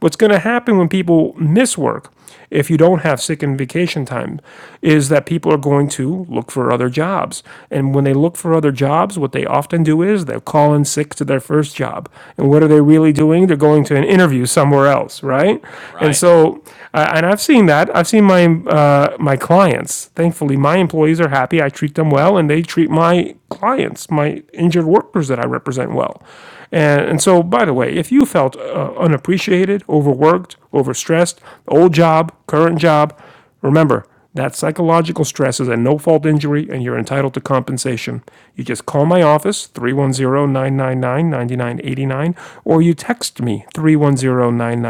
Speaker 2: What's going to happen when people miss work? if you don't have sick and vacation time is that people are going to look for other jobs. And when they look for other jobs, what they often do is they call in sick to their first job. And what are they really doing? They're going to an interview somewhere else, right? And
Speaker 1: Right.
Speaker 2: so, uh, and I've seen that. I've seen my uh, my clients. Thankfully, my employees are happy. I treat them well, and they treat my clients, my injured work workers that I represent well. And, and so, by the way, if you felt uh, unappreciated, overworked, overstressed, old job, current job, remember that psychological stress is a no fault injury and you're entitled to compensation. You just call my office, three one zero nine nine nine ninety nine eighty nine, or you text me, three one zero nine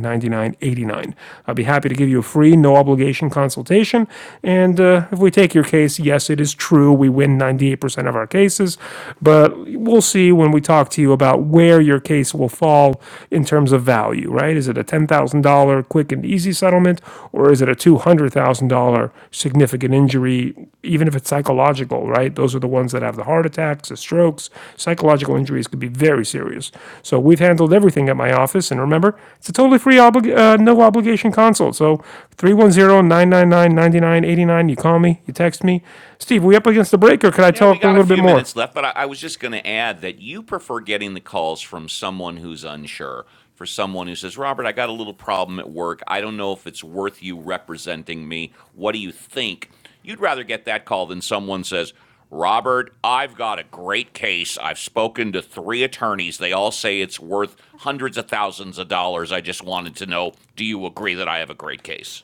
Speaker 2: nine nine, nine nine eight nine. I'll be happy to give you a free, no obligation consultation. And uh, if we take your case, yes, it is true. We win 98% of our cases but we'll see when we talk to you about where your case will fall in terms of value, right? Is it a $10,000 quick and easy settlement, or is it a $200,000 significant injury, even if it's psychological, right? Those are the ones that have the heart attacks, the strokes. Psychological injuries could be very serious. So we've handled everything at my office. And remember, it's a totally free, obli- uh, no obligation consult. So three one zero nine nine nine ninety nine eighty nine. You call me, you text me. Steve, are we up against the break, or could I
Speaker 1: Yeah, we
Speaker 2: talk a
Speaker 1: got a
Speaker 2: little bit
Speaker 1: few
Speaker 2: more?
Speaker 1: minutes left, but I, I was just going to add that you prefer getting the calls from someone who's unsure, for someone who says, Robert, I got a little problem at work. I don't know if it's worth you representing me. What do you think? You'd rather get that call than someone says, Robert, I've got a great case. I've spoken to three attorneys. They all say it's worth hundreds of thousands of dollars. I just wanted to know do you agree that I have a great case?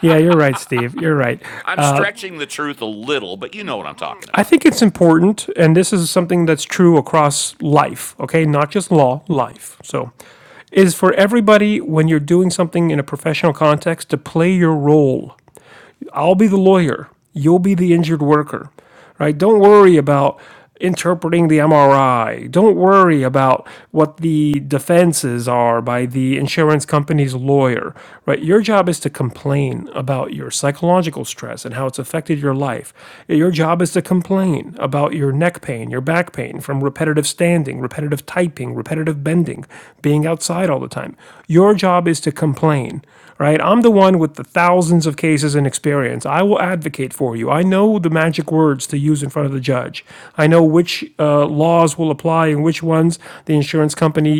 Speaker 2: Yeah, you're right, Steve. You're right.
Speaker 1: I'm stretching the truth a little, but you know what I'm talking
Speaker 2: I
Speaker 1: about.
Speaker 2: think it's important, and this is something that's true across life, okay? Not just law, life. So, is for everybody when you're doing something in a professional context to play your role I'll be the lawyer. You'll be the injured worker, right? Don't worry about interpreting the MRI. Don't worry about what the defenses are by the insurance company's lawyer, right? Your job is to complain about your psychological stress and how it's affected your life. Your job is to complain about your neck pain, your back pain from repetitive standing, repetitive typing, repetitive bending, being outside all the time. Your job is to complain, right? I'm the one with the thousands of cases and experience. I will advocate for you. I know the magic words to use in front of the judge. I know which uh, laws will apply and which ones the insurance company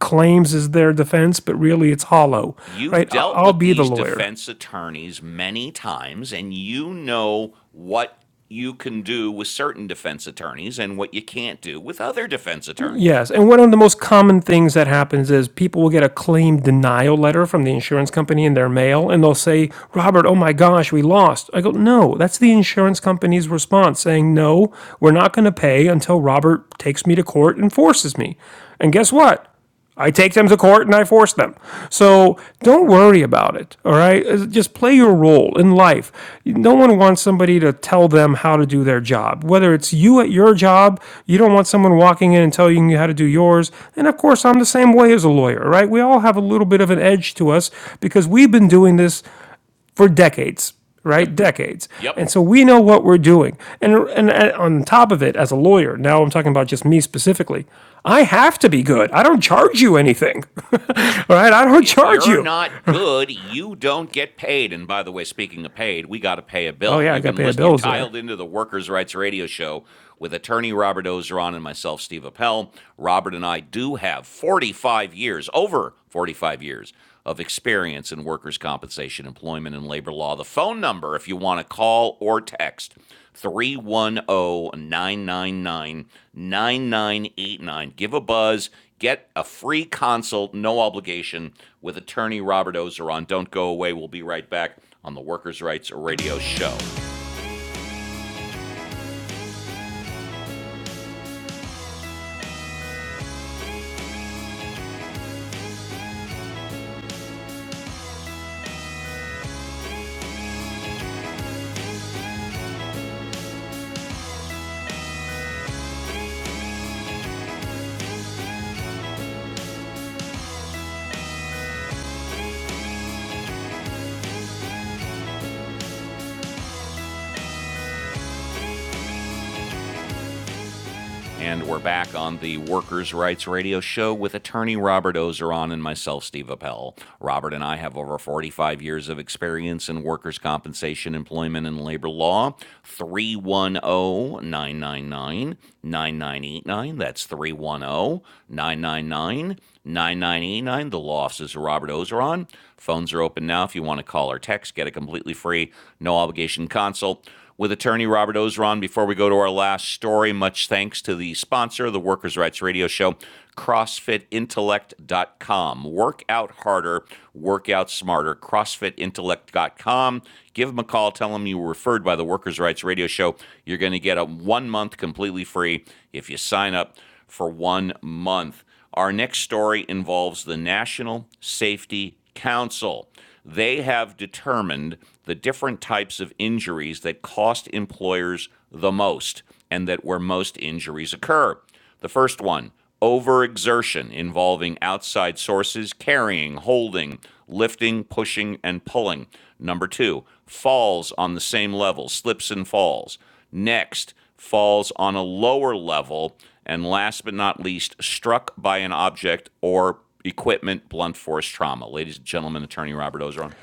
Speaker 2: claims is their defense, but really it's hollow, right?
Speaker 1: you've
Speaker 2: I-
Speaker 1: dealt
Speaker 2: I'll
Speaker 1: with
Speaker 2: be the
Speaker 1: these
Speaker 2: lawyer.
Speaker 1: defense attorneys many times and you know what you can do with certain defense attorneys and what you can't do with other defense attorneys.
Speaker 2: Yes, and one of the most common things that happens is people will get a claim denial letter from the insurance company in their mail, and they'll say, "Robert, oh my gosh, we lost." I go, "No, that's the insurance company's response saying no, we're not going to pay until Robert takes me to court and forces me." And guess what? I take them to court and I force them. So don't worry about it. All right. Uh, Just play your role in life. No one wants somebody to tell them how to do their job. Whether it's you at your job, you don't want someone walking in and telling you how to do yours. And of course, I'm the same way as a lawyer, right? We all have a little bit of an edge to us because we've been doing this for decades,
Speaker 1: Yep.
Speaker 2: right? Decades.
Speaker 1: Yep.
Speaker 2: And so we know what we're doing. And, and, and on top of it, as a lawyer, now I'm talking about just me specifically, I have to be good. I don't charge you anything, all right? I don't
Speaker 1: If
Speaker 2: charge
Speaker 1: you're
Speaker 2: you.
Speaker 1: not good, you don't get paid. And by the way, speaking of paid, we got to pay a
Speaker 2: Oh,
Speaker 1: bill.
Speaker 2: yeah, I
Speaker 1: You've
Speaker 2: got
Speaker 1: been
Speaker 2: to pay
Speaker 1: listening, you're
Speaker 2: bills there.
Speaker 1: dialed into the Workers' Rights Radio Show with attorney Robert Ozeron and myself, Steve Appel. Robert and I do have 45 years, over 45 years of experience in workers' compensation, employment, and labor law. The phone number, if you want to call or text, three one o 999 9989. Give a buzz. Get a free consult, no obligation, with attorney Robert Ozeron. Don't go away. We'll be right back on the Workers' Rights Radio Show. And we're back on the Workers' Rights Radio Show with attorney Robert Ozeron and myself, Steve Appel. Robert and I have over 45 years of experience in workers' compensation, employment, and labor law. 3109999989. That's 3109999989. The law offices of Robert Ozeron. Phones are open now if you want to call or text. Get a completely free, no obligation consult with attorney Robert Ozeron before we go to our last story. Much thanks to the sponsor of the Workers' Rights Radio Show, CrossFitIntellect.com. Work out harder, work out smarter. CrossFitIntellect.com. Give them a call. Tell them you were referred by the Workers' Rights Radio Show. You're going to get a one month completely free if you sign up for one month. Our next story involves the National Safety Council. They have determined the different types of injuries that cost employers the most and that where most injuries occur. The first one, overexertion involving outside sources carrying, holding, lifting, pushing, and pulling. Number two, falls on the same level, slips and falls. Next, falls on a lower level, and last but not least, struck by an object or equipment blunt force trauma. Ladies and gentlemen, attorney Robert Ozeron.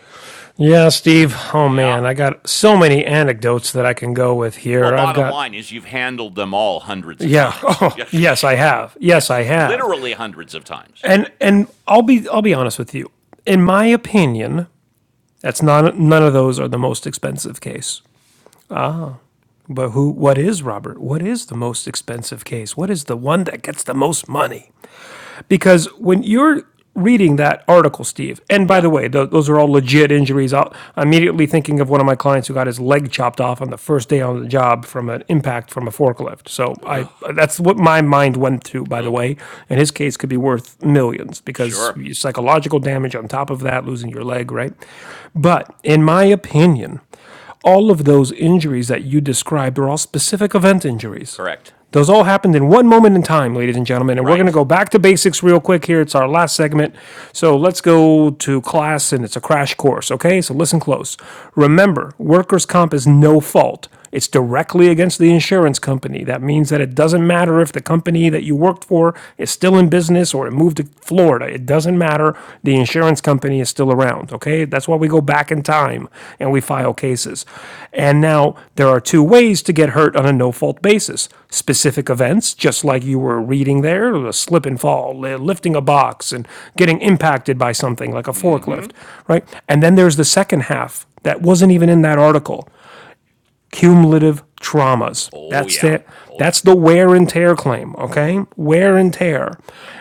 Speaker 2: Yeah, Steve. Oh, man,
Speaker 1: Yeah.
Speaker 2: I got so many anecdotes that I can go with
Speaker 1: Well,
Speaker 2: here. I've
Speaker 1: bottom
Speaker 2: got.
Speaker 1: line is you've handled them all hundreds of
Speaker 2: Yeah.
Speaker 1: times.
Speaker 2: Oh,
Speaker 1: Yeah.
Speaker 2: yes, I have. Yes,
Speaker 1: yes,
Speaker 2: I have.
Speaker 1: literally hundreds of times.
Speaker 2: And and I'll be I'll be honest with you. In my opinion, that's not none of those are the most expensive case. But who, what is Robert? What is the most expensive case? What is the one that gets the most money? Because when you're reading that article, Steve, and by
Speaker 1: Yeah.
Speaker 2: the way, tho- those are all legit injuries. i I'm immediately thinking of one of my clients who got his leg chopped off on the first day on the job from an impact from a forklift. So
Speaker 1: Ugh.
Speaker 2: I, that's what my mind went to, by the
Speaker 1: Ugh.
Speaker 2: way. And his case could be worth millions because
Speaker 1: Sure.
Speaker 2: psychological damage on top of that, losing your leg, right? But in my opinion, all of those injuries that you described are all specific event injuries.
Speaker 1: Correct.
Speaker 2: Those all happened in one moment in time, ladies and gentlemen. And we're going to
Speaker 1: Right.
Speaker 2: go back to basics real quick here. It's our last segment. So let's go to class and it's a crash course, okay? So listen close. Remember, workers' comp is no fault. It's directly against the insurance company. That means that it doesn't matter if the company that you worked for is still in business or it moved to Florida. It doesn't matter. The insurance company is still around. Okay. That's why we go back in time and we file cases. And now there are two ways to get hurt on a no fault basis specific events, just like you were reading there, the slip and fall, lifting a box and getting impacted by something like a forklift, right? And then there's the second half that wasn't even in that article cumulative traumas.
Speaker 1: Oh,
Speaker 2: That's
Speaker 1: yeah.
Speaker 2: the,
Speaker 1: Oh, yeah.
Speaker 2: that's the wear and tear claim, okay? Wear and tear.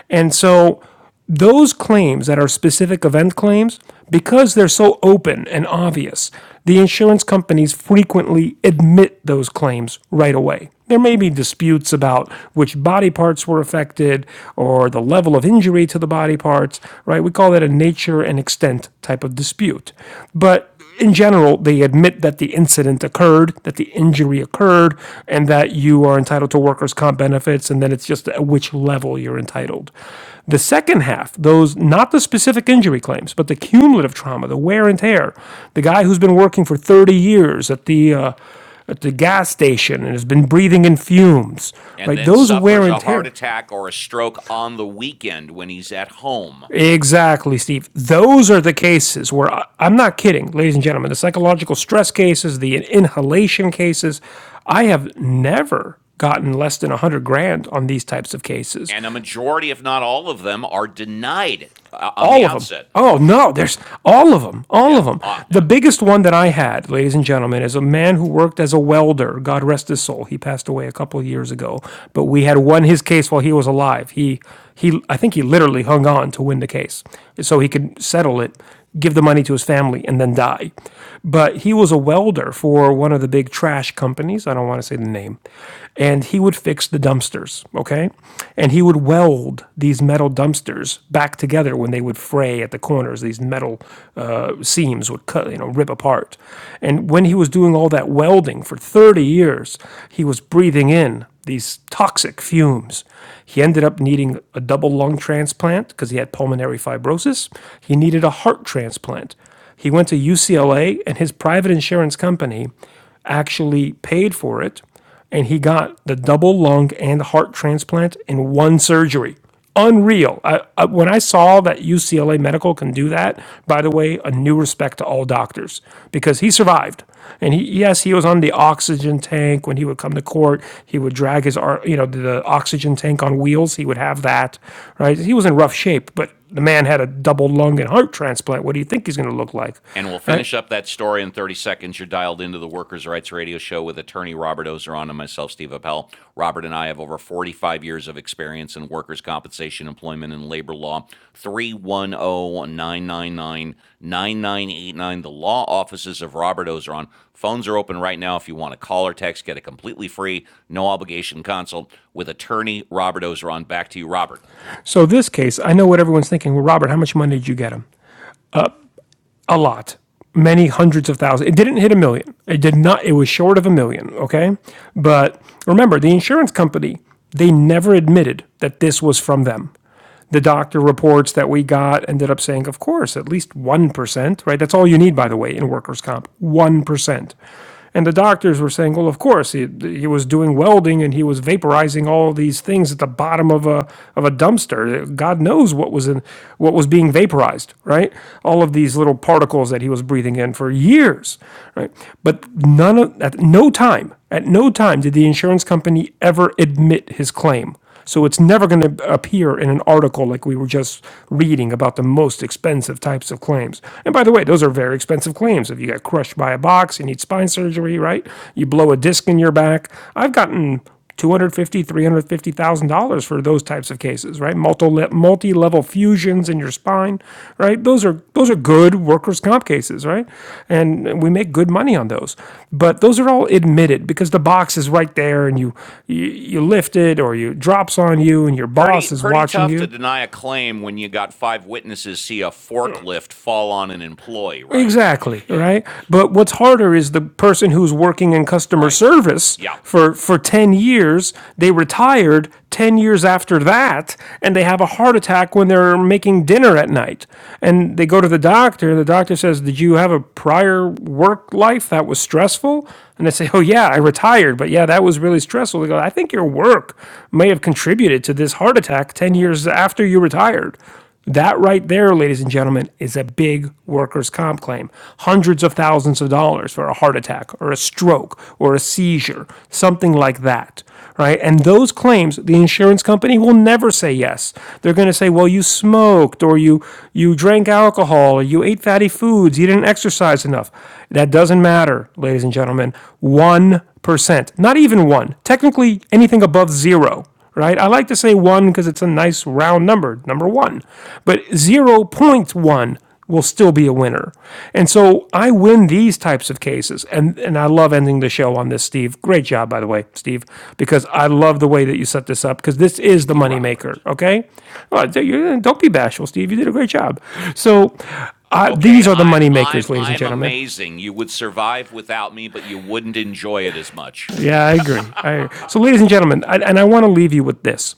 Speaker 2: And so those claims that are specific event claims, because they're so open and obvious, the insurance companies frequently admit those claims right away. There may be disputes about which body parts were affected or the level of injury to the body parts, right? We call that a nature and extent type of dispute. But in general, they admit that the incident occurred, that the injury occurred, and that you are entitled to workers' comp benefits, and then it's just at which level you're entitled. The second half, those not the specific injury claims, but the cumulative trauma, the wear and tear, the guy who's been working for 30 years at the uh, at the gas station and has been breathing in fumes,
Speaker 1: And
Speaker 2: right?
Speaker 1: then
Speaker 2: Those wear
Speaker 1: suffers
Speaker 2: and
Speaker 1: a heart
Speaker 2: tear.
Speaker 1: attack or a stroke on the weekend when he's at home.
Speaker 2: Exactly, Steve. Those are the cases where I- am not kidding, ladies and gentlemen. The psychological stress cases, the inhalation cases, I have never gotten less than 100 grand on these types of cases.
Speaker 1: and a majority, if not all of them, are denied uh, on the
Speaker 2: All of them.
Speaker 1: outset.
Speaker 2: Oh, no, there's all of them. All
Speaker 1: Yeah.
Speaker 2: of them.
Speaker 1: Ah.
Speaker 2: The
Speaker 1: Yeah.
Speaker 2: biggest one that I had, ladies and gentlemen, is a man who worked as a welder. God rest his soul. He passed away a couple of years ago, but we had won his case while he was alive. He he I think he literally hung on to win the case so he could settle it give the money to his family, and then die. But he was a welder for one of the big trash companies. I don't want to say the name. And he would fix the dumpsters, okay? And he would weld these metal dumpsters back together when they would fray at the corners. These metal uh, seams would cut, you know, rip apart. And when he was doing all that welding for 30 years, he was breathing in these toxic fumes. He ended up needing a double lung transplant because he had pulmonary fibrosis. He needed a heart transplant. He went to UCLA, and his private insurance company actually paid for it. And he got the double lung and heart transplant in one surgery unreal. I, I, when I saw that UCLA Medical can do that, by the way, a new respect to all doctors because he survived. And he, yes, he was on the oxygen tank when he would come to court. He would drag his, you know, the oxygen tank on wheels. He would have that, right? He was in rough shape, but the man had a double lung and heart transplant. What do you think he's going to look like,
Speaker 1: And we'll
Speaker 2: right?
Speaker 1: finish up that story in 30 seconds. You're dialed into the Workers' Rights Radio Show with attorney Robert Ozeron and myself, Steve Appel. Robert and I have over 45 years of experience in workers' compensation, employment, and labor law. 310 999 9989. the law offices of Robert Ozeron. Phones are open right now if you want to call or text, get a completely free, no obligation consult with attorney Robert Ozeron. Back to you, Robert.
Speaker 2: So this case, I know what everyone's thinking. Well, Robert, how much money did you get him? a lot, many hundreds of thousands. It didn't hit a million. It did not. It was short of a million. Okay, but remember, the insurance company they never admitted that this was from them. The doctor reports that we got ended up saying, of course, at least 1%, right? That's all you need, by the way, in workers' comp 1%. And the doctors were saying, well, of course, he, he was doing welding and he was vaporizing all these things at the bottom of a of a dumpster. God knows what was in what was being vaporized, right? All of these little particles that he was breathing in for years, right? But none of, at no time, at no time did the insurance company ever admit his claim. So it's never going to appear in an article like we were just reading about the most expensive types of claims. And by the way, those are very expensive claims. If you get crushed by a box, you need spine surgery, right? You blow a disc in your back. I've gotten 250, 350,000 dollars three hundred fifty thousand dollars for those types of types of cases, right? Multi multi level fusions in your spine, right? Those are those are good workers' comp cases, right? And we make good money on those. But those are all admitted because the box is right there, and you you, you lift it or you drops on you, and your
Speaker 1: Pretty
Speaker 2: boss is
Speaker 1: pretty
Speaker 2: watching
Speaker 1: tough to
Speaker 2: you.
Speaker 1: deny a claim when you got five witnesses see a forklift fall on an employee, right?
Speaker 2: Exactly, right? But what's harder is the person who's working in customer
Speaker 1: Right.
Speaker 2: service
Speaker 1: Yeah.
Speaker 2: for for 10 years, they retired 10 years after that and they have a heart attack when they're making dinner at night. And they go to the doctor and the doctor says, "Did you have a prior work life that was stressful?" And they say, "Oh yeah, I retired, but yeah, that was really stressful." They go, "I think your work may have contributed to this heart attack 10 years after you retired." That right there, ladies and gentlemen, is a big workers' comp claim. Hundreds of thousands of dollars for a heart attack or a stroke or a seizure, something like that, right? And those claims, the insurance company will never say yes. They're going to say, "Well, you smoked or you you drank alcohol or you ate fatty foods, you didn't exercise enough." That doesn't matter, ladies and gentlemen. 1%, not even 1. Technically anything above 0 right? I like to say one because it's a nice round number, number one. But zero point 0.1 will still be a winner. And so I win these types of cases. And, and I love ending the show on this, Steve. Great job, by the way, Steve, because I love the way that you set this up because this is the
Speaker 1: Thank you, Robert.
Speaker 2: moneymaker, okay? Well, don't be bashful, Steve. You did a great job. So uh,
Speaker 1: Okay,
Speaker 2: these are the
Speaker 1: I'm I'm
Speaker 2: moneymakers, ladies and
Speaker 1: I'm
Speaker 2: gentlemen.
Speaker 1: amazing. You would survive without me, but you wouldn't enjoy it as much.
Speaker 2: Yeah, I agree. I agree. So, ladies and gentlemen, I, and I want to leave you with this.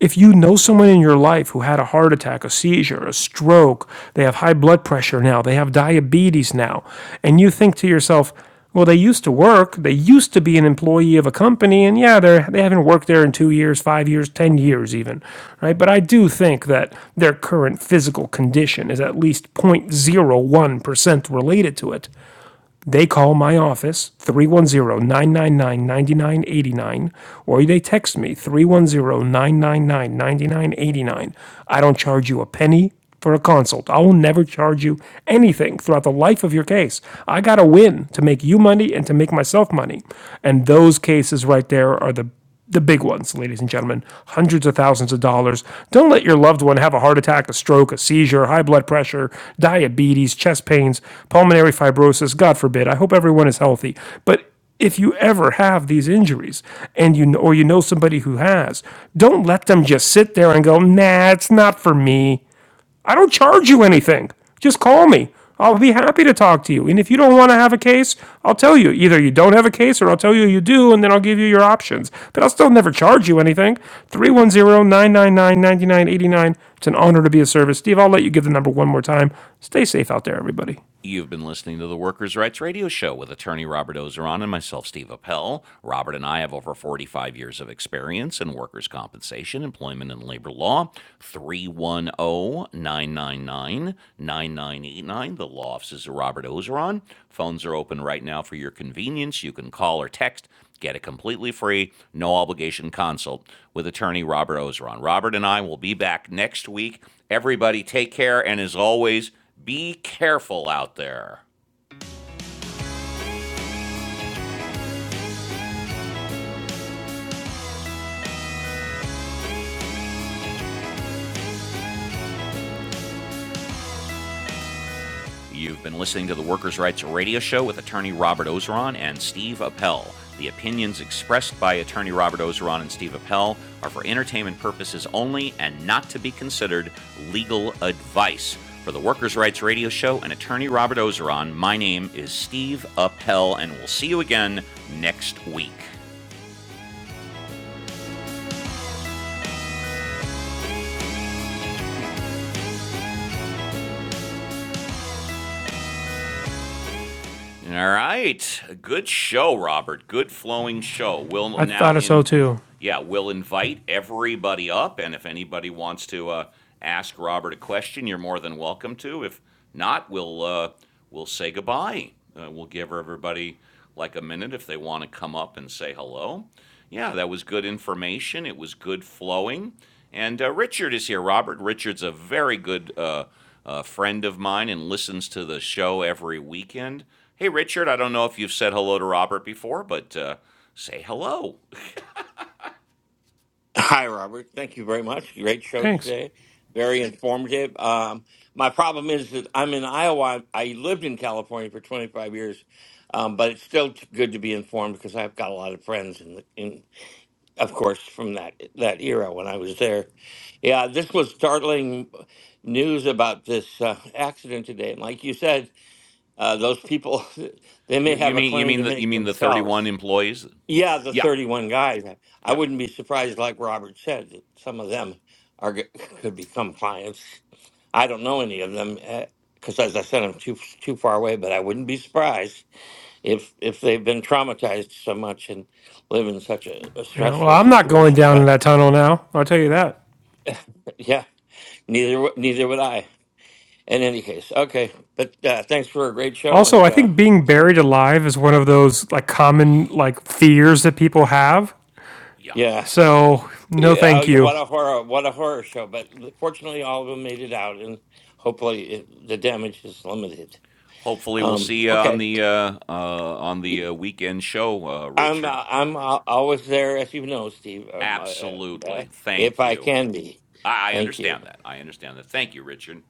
Speaker 2: If you know someone in your life who had a heart attack, a seizure, a stroke, they have high blood pressure now, they have diabetes now, and you think to yourself, well, they used to work, they used to be an employee of a company, and yeah, they're, they they have not worked there in two years, five years, 10 years even, right? But I do think that their current physical condition is at least 0.01% related to it. They call my office three one zero nine nine nine ninety nine eighty nine, or they text me three one zero nine nine nine ninety nine eighty nine. I don't charge you a penny for a consult. I will never charge you anything throughout the life of your case. I got to win to make you money and to make myself money. And those cases right there are the the big ones, ladies and gentlemen, hundreds of thousands of dollars. Don't let your loved one have a heart attack, a stroke, a seizure, high blood pressure, diabetes, chest pains, pulmonary fibrosis. God forbid. I hope everyone is healthy. But if you ever have these injuries and you know, or you know somebody who has, don't let them just sit there and go, "Nah, it's not for me." I don't charge you anything. Just call me. I'll be happy to talk to you. And if you don't want to have a case, I'll tell you. Either you don't have a case or I'll tell you you do, and then I'll give you your options. But I'll still never charge you anything. Three one zero nine nine nine ninety nine eighty nine. It's an honor to be of service. Steve, I'll let you give the number one more time. Stay safe out there, everybody.
Speaker 1: You've been listening to the Workers' Rights Radio Show with attorney Robert Ozeron and myself, Steve Appel. Robert and I have over 45 years of experience in workers' compensation, employment, and labor law. 310 999 9989. The law offices of Robert Ozeron. Phones are open right now for your convenience. You can call or text Get a completely free, no obligation consult with attorney Robert Ozeron. Robert and I will be back next week. Everybody, take care, and as always, be careful out there. You've been listening to the Workers' Rights Radio Show with attorney Robert Ozeron and Steve Appel. The opinions expressed by attorney Robert Ozeron and Steve Appel are for entertainment purposes only and not to be considered legal advice. For the Workers' Rights Radio Show and attorney Robert Ozeron, my name is Steve Appel, and we'll see you again next week. All right. Good show, Robert. Good flowing show. We'll
Speaker 2: I
Speaker 1: now
Speaker 2: thought so
Speaker 1: in
Speaker 2: too.
Speaker 1: yeah, we'll invite everybody up and if anybody wants to uh, ask Robert a question, you're more than welcome to. If not, we'll uh, we'll say goodbye. Uh, we'll give everybody like a minute if they want to come up and say hello. Yeah, that was good information. It was good flowing. And uh, Richard is here, Robert. Richard's a very good uh, a friend of mine and listens to the show every weekend. Hey, Richard, I don't know if you've said hello to Robert before, but uh, say hello.
Speaker 3: Hi, Robert. Thank you very much. Great show
Speaker 2: Thanks.
Speaker 3: today. Very informative. Um, my problem is that I'm in Iowa. I lived in California for 25 years, um, but it's still t- good to be informed because I've got a lot of friends in, the, in, of course, from that that era when I was there. Yeah, this was startling news about this uh, accident today, and like you said, uh, those people they may
Speaker 1: You, you
Speaker 3: have a
Speaker 1: mean you
Speaker 3: claim
Speaker 1: mean
Speaker 3: to
Speaker 1: the you
Speaker 3: make
Speaker 1: mean the
Speaker 3: themselves.
Speaker 1: 31 employees?
Speaker 3: Yeah, the
Speaker 1: Yeah,
Speaker 3: 31 guys. I I
Speaker 1: yeah,
Speaker 3: wouldn't be surprised, like Robert said, that some of them are g- could become clients. I don't know any of them because, as I said, I'm too too far away. But I wouldn't be surprised if if they've been traumatized so much and live in such a, a
Speaker 2: Yeah, well,
Speaker 3: stressful
Speaker 2: I'm not going
Speaker 3: situation.
Speaker 2: down in
Speaker 3: But
Speaker 2: that tunnel now. I'll tell you that.
Speaker 3: yeah, neither w- neither would I. In any case, okay. But uh, thanks for a great show,
Speaker 2: Also,
Speaker 3: and
Speaker 2: I
Speaker 3: uh,
Speaker 2: think being buried alive is one of those like common like fears that people have.
Speaker 1: yeah.
Speaker 3: yeah,
Speaker 2: So no,
Speaker 3: Yeah, oh,
Speaker 2: thank
Speaker 3: yeah, what
Speaker 2: you.
Speaker 3: a horror! What a horror show! But fortunately, all of them made it out, and hopefully, it, the damage is limited.
Speaker 1: Hopefully, we'll
Speaker 3: Um,
Speaker 1: see you on
Speaker 3: okay,
Speaker 1: the uh, uh, on the uh, weekend show, uh,
Speaker 3: I'm
Speaker 1: Richard.
Speaker 3: uh, I'm uh, always there, as you know, Steve. Um, uh, uh,
Speaker 1: Absolutely.
Speaker 3: if
Speaker 1: Thank
Speaker 3: I
Speaker 1: you.
Speaker 3: can be,
Speaker 1: I, I
Speaker 3: thank you.
Speaker 1: understand that. I understand that. Thank you, Richard.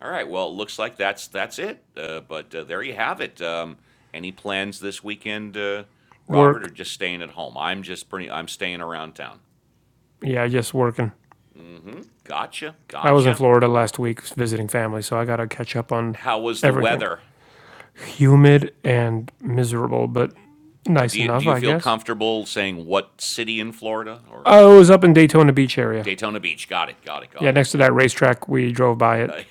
Speaker 1: All right. Well, it looks like that's that's it. Uh, but uh, there you have it. Um, any plans this weekend, uh, Robert,
Speaker 2: Work.
Speaker 1: or just staying at home? I'm just pretty. I'm staying around town.
Speaker 2: Yeah, just working.
Speaker 1: Gotcha.
Speaker 2: I was in
Speaker 1: Gotcha.
Speaker 2: Florida last week visiting family, so I gotta catch up on
Speaker 1: How was the
Speaker 2: everything.
Speaker 1: weather?
Speaker 2: Humid and miserable, but
Speaker 1: What- Do
Speaker 2: nice
Speaker 1: you do
Speaker 2: enough,
Speaker 1: you
Speaker 2: I
Speaker 1: feel
Speaker 2: guess.
Speaker 1: comfortable saying what city in Florida or
Speaker 2: I was up in Daytona Beach area.
Speaker 1: Daytona Beach? Got it. Got it.
Speaker 2: Yeah,
Speaker 1: Got it.
Speaker 2: next to
Speaker 1: Yeah.
Speaker 2: that racetrack, we drove by it.
Speaker 1: Uh,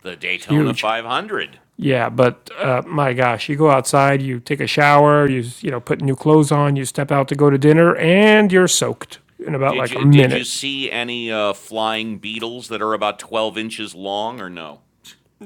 Speaker 1: the
Speaker 2: It's
Speaker 1: Daytona
Speaker 2: huge.
Speaker 1: 500.
Speaker 2: Yeah, but uh, my gosh, you go outside, you take a shower, you you know put new clothes on, you step out to go to dinner, and you're soaked in about
Speaker 1: Did
Speaker 2: like a
Speaker 1: you did you
Speaker 2: minute.
Speaker 1: see any uh, flying beetles that are about 12 inches long or no?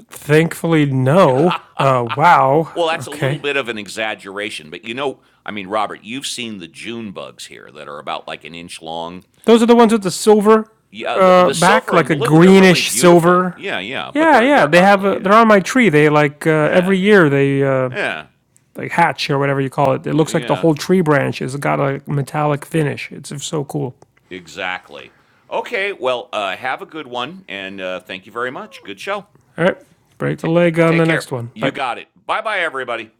Speaker 2: Thankfully, no. Uh, wow.
Speaker 1: Well, that's a little
Speaker 2: Okay.
Speaker 1: bit of an exaggeration, but you know, I mean, Robert, you've seen the June bugs here that are about like an inch long.
Speaker 2: Those are the ones with the silver
Speaker 1: Yeah, the,
Speaker 2: uh,
Speaker 1: the
Speaker 2: back,
Speaker 1: silver and
Speaker 2: like a
Speaker 1: blue, they're really
Speaker 2: greenish
Speaker 1: beautiful.
Speaker 2: silver.
Speaker 1: Yeah, yeah, but
Speaker 2: Yeah,
Speaker 1: they're
Speaker 2: yeah.
Speaker 1: they're
Speaker 2: They have.
Speaker 1: ugly.
Speaker 2: A, they're
Speaker 1: Yeah,
Speaker 2: on my tree. They like uh,
Speaker 1: yeah,
Speaker 2: every year they uh,
Speaker 1: yeah,
Speaker 2: like hatch or whatever you call it. It looks like the
Speaker 1: yeah.
Speaker 2: whole tree branch has got a metallic finish. It's so cool.
Speaker 1: Exactly. Okay. Well, uh, have a good one, and uh, thank you very much. Good show.
Speaker 2: All right, break a
Speaker 1: Ta
Speaker 2: leg on
Speaker 1: take
Speaker 2: the
Speaker 1: care.
Speaker 2: next one.
Speaker 1: You
Speaker 2: Bye.
Speaker 1: got it. Bye, bye, everybody.